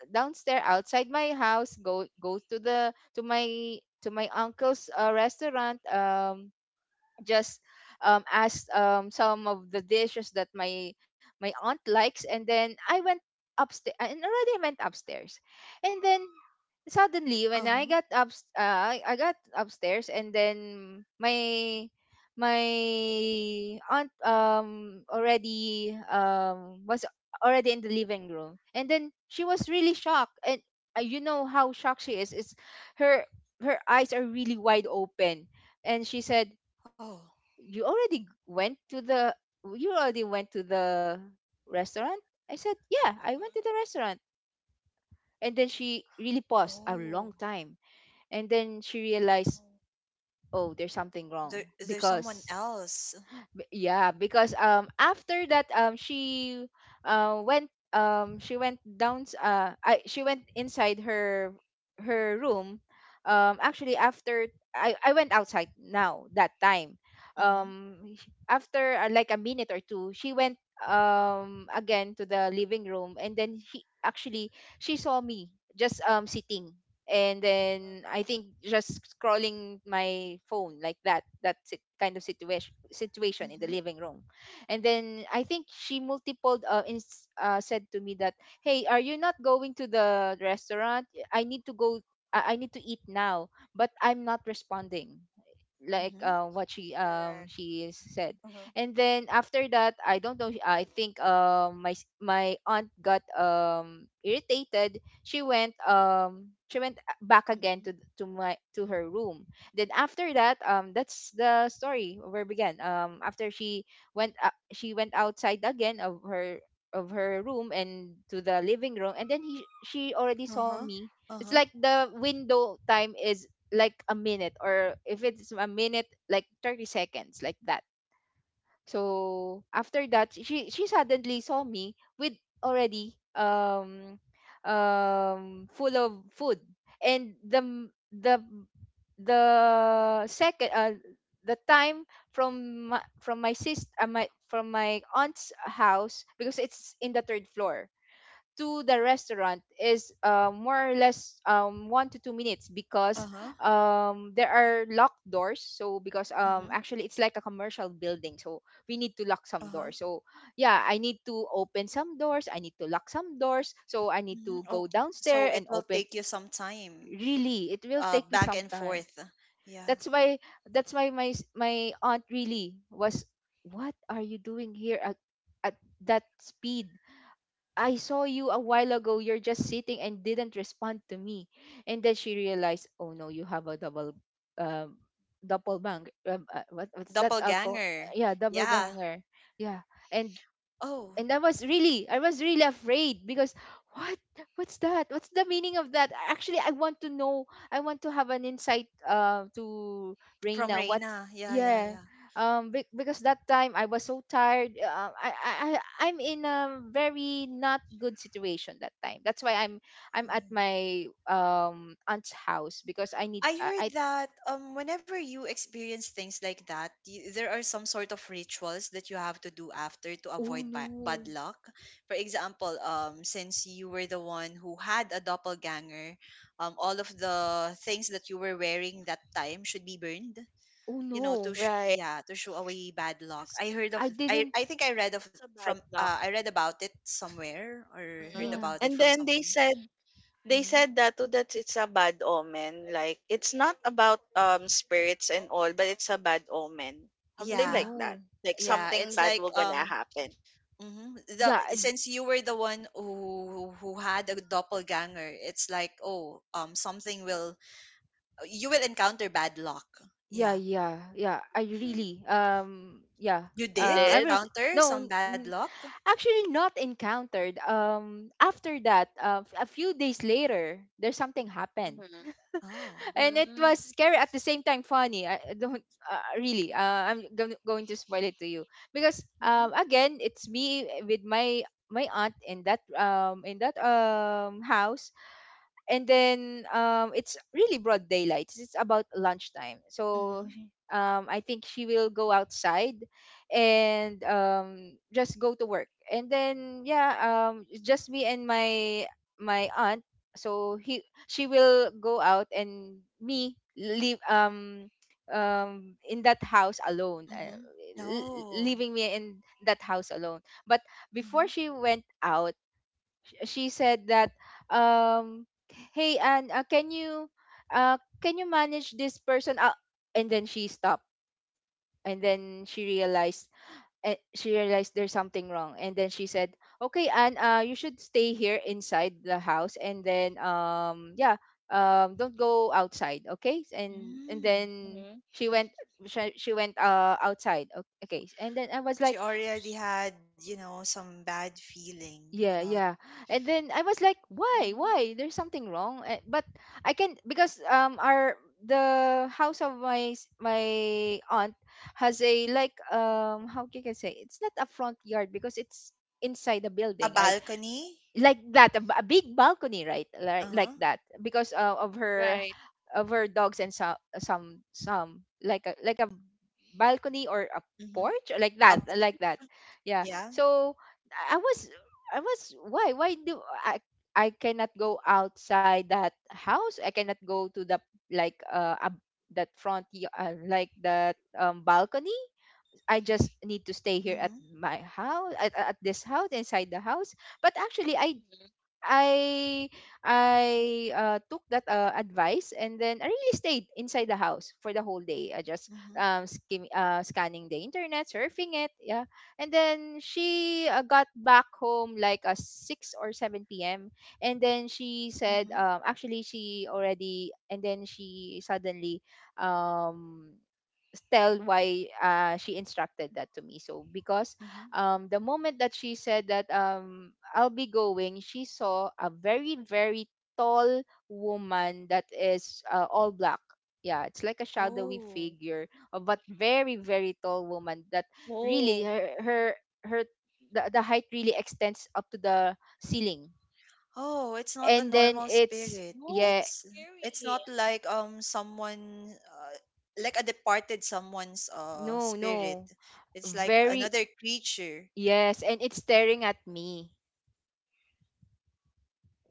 downstairs, outside my house, go to the, to my uncle's, restaurant. Just, asked, some of the dishes that my aunt likes, and then I went upstairs, and already I went upstairs, and then suddenly, when I
Uh-huh.
got up, I got upstairs, and then my my aunt, already, was already in the living room, and then she was really shocked, and, you know how shocked she is, it's her, eyes are really wide open, and she said,
Oh.
you already went to the you already went to the restaurant? I said, yeah, I went to the
Mm-hmm.
restaurant. And then she really paused a
Oh.
long time, and then she realized, oh, there's something
There,
wrong,
there's someone
because.
else.
Yeah, because, after that, she went down, she went inside her room. Actually, after I went outside, now that time,
Mhm,
after, like a minute or two, she went, again to the living room, and then she actually, she saw me, just, sitting, and then I think, just scrolling my phone, like that, kind of situation in the
mhm,
living room, and then I think she multiple, said to me that, hey, are you not going to the restaurant? I need to go. I need to eat now. But I'm not responding, like,
mhm,
what she,
Correct.
she said.
Hmm.
And then after that, I don't know, I think, my aunt got, irritated. She went, back again,
mhm.
to her room. Then after that, that's the story where it began. After she went, she went outside again, of her room, and to the living room, and then he she already saw
Uh-huh.
me. It's like
Uh-huh.
the window time is like a minute, or if it's a minute, like 30 seconds, like that. So after that, she suddenly saw me with, already, full of food. And the m- the second the time from my sister my from my aunt's house, because it's in the third floor to the restaurant, is, more or less, 1 to 2 minutes, because,
Uh-huh.
there are locked doors. So because,
Mhm,
actually it's like a commercial building, so we need to lock some
uh-huh.
doors. So yeah, I need to open some doors. I need to lock some doors. So I need to
Mhm.
go
Oh,
downstairs
so
and
it will
open.
take you some time,
Really, it will take me
back
some
and
time.
forth. Yeah.
That's why that's why my aunt really was. What are you doing here at, at that speed? I saw you a while ago. You're just sitting and didn't respond to me. And then she realized, oh no, you have a double, um, double bang. What's that?
Doppelganger.
Yeah, double
Yeah.
ganger. Yeah. And
Oh,
and I was really afraid, because what what's the meaning of that, actually. I want to know, I want to have an insight, to
from
Reina, what.
Reina. Yeah, yeah,
Yeah,
yeah.
because that time I was so tired, I'm in a very not good situation that time. That's why I'm at
Oh.
my, aunt's house, because I need,
I
I.
heard that whenever you experience things like that, there are some sort of rituals that you have to do after to
oh
avoid
no.
bad luck. For example, since you were the one who had a doppelganger, all of the things that you were wearing that time should be burned.
Oh
You know, to
no,
Right.
yeah, to show away bad luck.
Because
I didn't.
I think I read of
it's a
from
bad luck.
I read about it somewhere or heard
Hmm.
Yeah.
about it
And
from
then they
someone.
said they
Hmm.
said that too, that it's a bad omen, like it's not about spirits and all, but it's a bad omen,
Oh
something
Yeah,
like that.
no.
Like
yeah,
something
it's
bad
like
will gonna happen.
hmm. The
Yeah.
since you were the one who had a doppelganger, it's like oh something will, you will encounter bad luck.
Yeah,
Yeah,
yeah, yeah. I
Mm-hmm.
really, yeah.
you
You
did
I
did.
was,
encounter
no,
some bad luck.
actually not encountered. After that, a few days later, there's something happened,
Mm-hmm.
Oh.
and it
Mm-hmm.
was scary, at the same time funny. I don't, really. I'm gonna, going to spoil it to you, because,
Mm-hmm.
again, it's me, with my aunt in that, in that, house. And then, it's really broad daylight. It's about lunchtime, so,
Mm-hmm.
I think she will go outside and, just go to work. And then yeah, it's just me and my aunt. So he she will go out and me leave, in that house alone.
Mm-hmm. Oh.
Leaving me in that house alone, but
Mm-hmm.
before she went out, she said that, um hey, and, uh can you manage this person, and then she stopped, and then she realized, she realized, there's something wrong. And then she said, okay, and, you should stay here inside the house. And then, don't go outside, okay? And
Mm.
then
Hmm.
she went, she went, outside. Okay, and then I was
She
like.
already had you know some bad feeling
Yeah,
about
yeah. And then I was like, why? Why? There's something wrong. But I can, because, our, the house of my aunt has a, like, how can I say? It's not a front yard because it's inside the
a
building, right?
balcony.
Like that, a a big balcony, right? like
Uh huh.
like that because
Right.
of her dogs and some like a balcony or a
Mm-hmm.
porch or like
A
that like that,
porch.
yeah.
Yeah.
So i was I was why do I I cannot go outside that house, I cannot go to the like that like that balcony. I just need to stay here at
Mm-hmm.
my house, at this house, inside the house. But actually
Hmm.
I I took that advice and then I really stayed inside the house for the whole day. I just
Mm-hmm.
scanning the internet, surfing it, yeah. And then she got back home like a six or seven p.m. And then she said,
Mm-hmm.
actually she already, and then she suddenly um tell why she instructed that to me. So because
Mm-hmm.
the moment that she said that I'll be going, she saw a very tall woman that is all black. Yeah, it's like a shadowy
Oh.
figure, but very tall woman that really
Oh.
her the height really extends up to the ceiling.
Oh, it's not a
And then
normal
it's
spirit.
Oh,
yeah,
It's
scary.
not like someone like a departed someone's
no
spirit.
no,
It's like
very
another creature.
yes, and it's staring at me,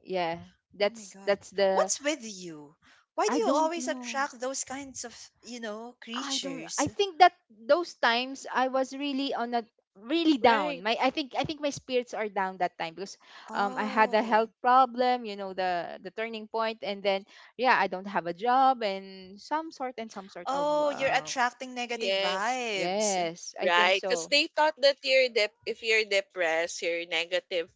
yeah.
Oh my
that's
god.
that's the
What's with you? Why do
I
you
don't
always
know.
attract those kinds of, you know,
I don't, I
creatures?
think that those times I was really on a really down
Right.
my, I think I think my spirits are down that time because I had a
Mm.
health
Oh.
problem, you know, the turning point, and then yeah, I don't have a job and some sort, and some sort of
Oh, you're attracting negative
Yes,
vibes.
yes, I think
right. Because
so.
they thought that you're dep if you're depressed, you're negative,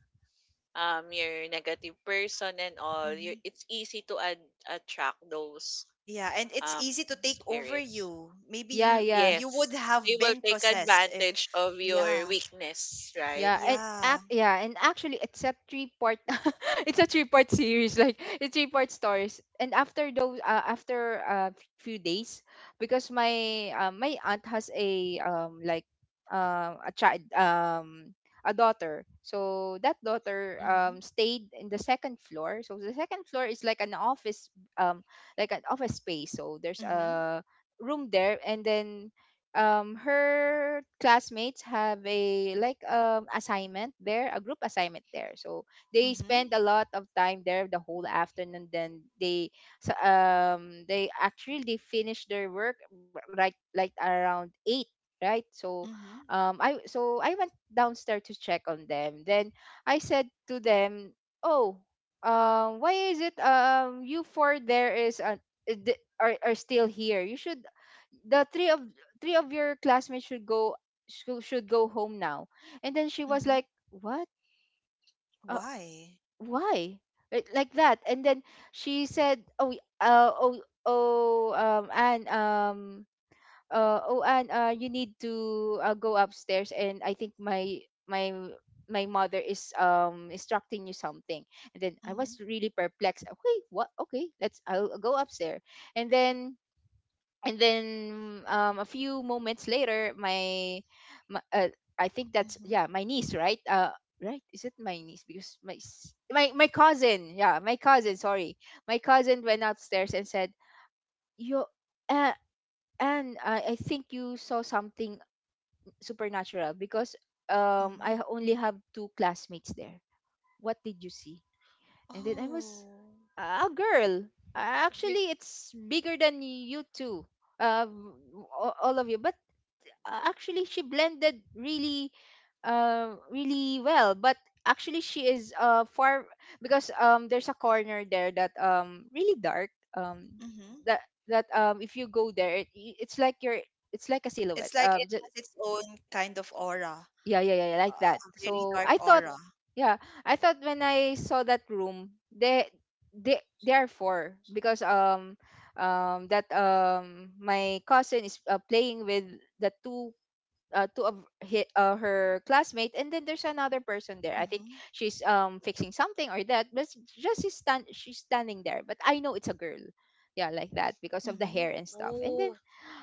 you're a negative person and all. You
Hmm.
it's easy to attract those
Yeah, and it's
um
easy to take over
spirit.
you. Maybe
Yeah,
you
yeah.
you would
Yes. They
have
will
been
take
possessed if
advantage of your
yeah.
weakness, right?
Yeah, and
Yeah.
actually it's a three part it's a three-part series, like it's three-part stories. And after those after a few days, because my my aunt has a like a child, a daughter. So that daughter
Mhm.
stayed in the second floor. So the second floor is like an office, um like an office space. So there's
Mhm.
a room there, and then her classmates have a like assignment there, a group assignment there, so they
Mhm.
spend a lot of time there the whole afternoon. Then they, they actually they finish their work right like around 8, right? So
Mhm.
I so I went downstairs to check on them, then I said to them, oh, why is it, you four there is are still here, you should the three of your classmates should go, should go home now. And then she was
Mhm.
like, what? uh,
Why?
why? Like that. And then she said, oh, oh oh and oh and you need to go upstairs, and I think my my my mother is instructing you something. And then I
Mhm.
was really perplexed. Okay, what? Okay, let's I'll go upstairs. And then, and then a few moments later, my, my uh, I think that's
Mhm.
yeah, my niece, right? Right, is it my niece? Because my my cousin, yeah, my cousin, sorry, my cousin went upstairs and said, you, uh, and I think you saw something supernatural because
Mhm.
I only have two classmates there. What did you see? And then I was,
Oh.
a girl,
Big
actually it's bigger than you two, uh, all of you. But actually she blended really really well. But actually she is far because there's a corner there that really dark, um
Mhm.
that that if you go there it, it's like you're it's like a silhouette,
It's like it
just,
has its own kind of aura,
yeah yeah yeah yeah, like that.
a very
So
dark
I thought,
aura.
yeah, I thought when I saw that room, they they are four because that my cousin is playing with the two, two of hi her classmate, and then there's another person there, I think
Mhm.
she's fixing something or that, but just she's standing there. But I know it's a girl, yeah, like that, because of the hair
Mhm.
and stuff. And
move.
then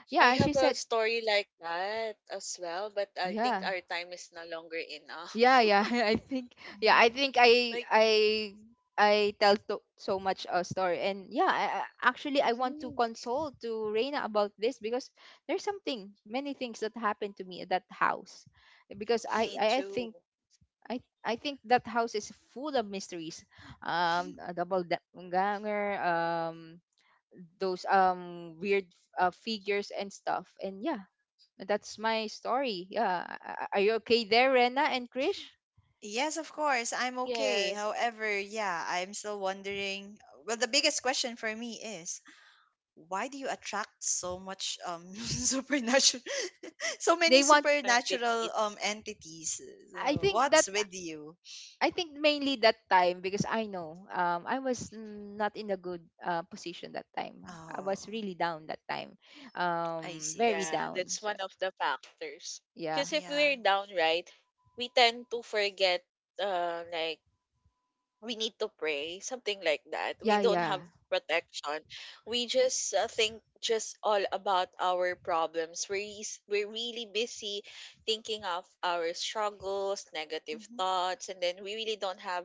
I
yeah,
have
she
a
said,
story like that as well, but I think
yeah
our time is no longer enough.
yeah yeah, I think, yeah
Mhm.
I think i
Like,
i I tell to so much a story, and yeah, actually I want to
mhm,
console to Reina about this because there's something, many things that happened to me at that house, because
me
I
too.
think I think that house is full of mysteries. A ganger, those weird figures and stuff. And yeah, that's my story. Yeah, are you okay there, Rena and Krish?
Yes, of course, I'm okay.
Yes,
However, yeah, I'm still wondering. Well, the biggest question for me is why do you attract so much supernatural, so many
They want.
supernatural
entities.
entities?
I
So
think that
what's with you?
I think mainly that time because I know I was not in a good position that time. I
Oh,
was really down that time,
I see, I
very
Yeah,
see.
down.
that's
So
one of the factors.
yeah,
Because if we're
Yeah.
downright, we tend to forget, like we need to pray, something like that. We
yeah,
don't have
yeah,
protection. We just think just all about our problems. We're really busy thinking of our struggles, negative
Mm-hmm.
thoughts, and then we really don't have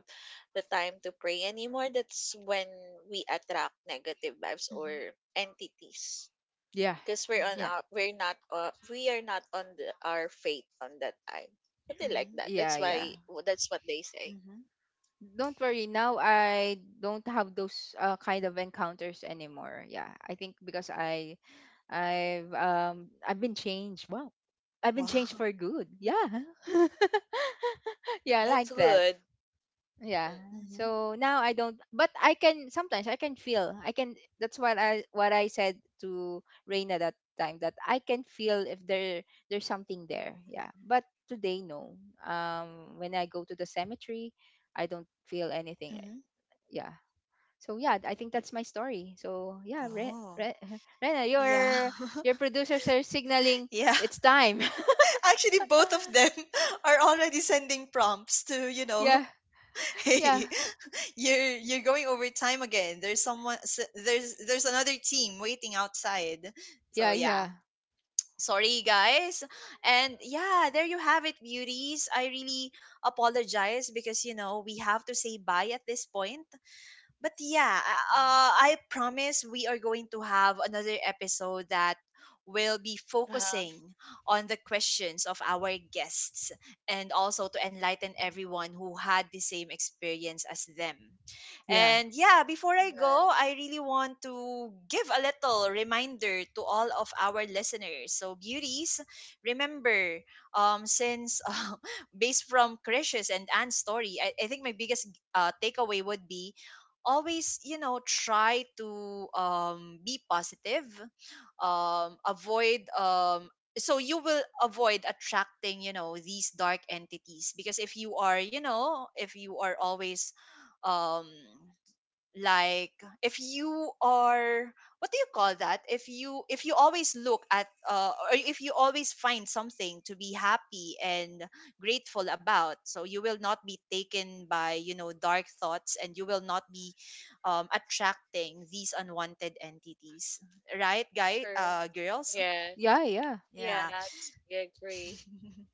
the time to pray anymore. That's when we attract negative vibes or
Mm-hmm.
entities.
yeah,
Because we're on
Mm-hmm.
yeah,
our, we're not we are not on the, our faith on that time, something like
Mm-hmm.
that.
yeah,
That's
yeah.
why, that's what they say.
Mm-hmm.
Don't worry, now I don't have those kind of encounters anymore. Yeah, I think because I've been changed. Wow, I've been
Wow.
changed for good. Yeah, yeah,
That's
like that.
good.
Yeah.
Mm.
Mm-hmm.
So now I don't, but I can sometimes, I can feel, I can. That's what I said to Reina that time, that I can feel if there's something there. Yeah. But today, no. When I go to the cemetery, I don't feel anything, right?
Mm-hmm.
Yeah. So yeah, I think that's my story. So yeah,
Oh,
Rena,
yeah.
your producers are signaling
Yeah.
it's time.
Actually, both of them are already sending prompts to, you know,
Yeah, yeah,
hey, you're going over time again. There's someone there's another team waiting outside. So
yeah,
yeah,
yeah,
sorry guys, and yeah, there you have it, beauties. I really apologize because you know we have to say bye at this point, but yeah, I promise we are going to have another episode that will be
Uh-huh.
focusing on the questions of our guests and also to enlighten everyone who had the same experience as them.
yeah,
And yeah, before I
The
go, I really want to give a little reminder to all of our listeners. So, beauties, remember, since based from Krish's and Anne's story, I think my biggest takeaway would be always you know try to be positive, avoid so you will avoid attracting you know these dark entities because if you are you know if you are always um like if you are what do you call that if you always look at or if you always find something to be happy and grateful about, so you will not be taken by you know dark thoughts and you will not be attracting these unwanted entities, right guy
Current.
girls?
Yeah.
yeah, yeah.
Yeah,
Yeah.
that's, I agree.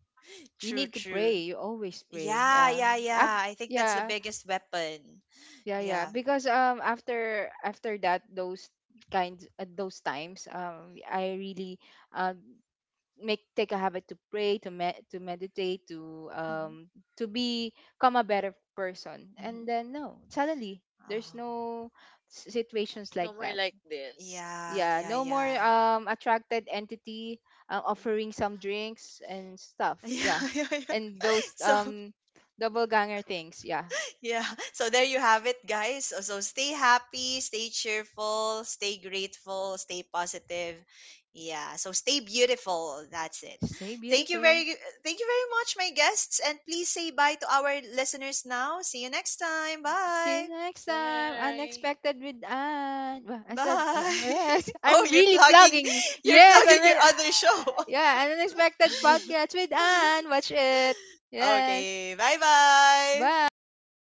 You
True,
need to
true.
pray. You always pray.
yeah
Yeah.
yeah yeah
Af-
I think that's the
yeah,
biggest weapon.
yeah, yeah.
Yeah.
Because after after that, those kinds, at those times, I really um make take a habit to pray, to to meditate,
hmm
to become a better person. And
hmm
then no, suddenly there's
Oh.
no situations
No
like
more
that.
like this.
Yeah,
Mm.
Yeah,
yeah,
no more
yeah.
attracted entity offering some drinks and stuff, yeah.
Yeah, yeah, yeah.
And those
So,
double ganger things, yeah.
yeah. So there you have it, guys. So so stay happy, stay cheerful, stay grateful, stay positive. Yeah. So stay beautiful. That's it.
Stay
Thank you
beautiful.
very thank you very much, my guests. And please say bye to our listeners now. See you next time.
Mhm.
See you
Bye.
next time.
Bye.
Unexpected with Anne. Well, I said,
Bye.
yes,
Oh,
I'm
you're
really
plugging,
plugging.
you're
Yes, I'm
plugging your
really,
other show.
yeah, Unexpected Podcast with Anne. Watch it. Yes.
Okay. Bye-bye.
Bye.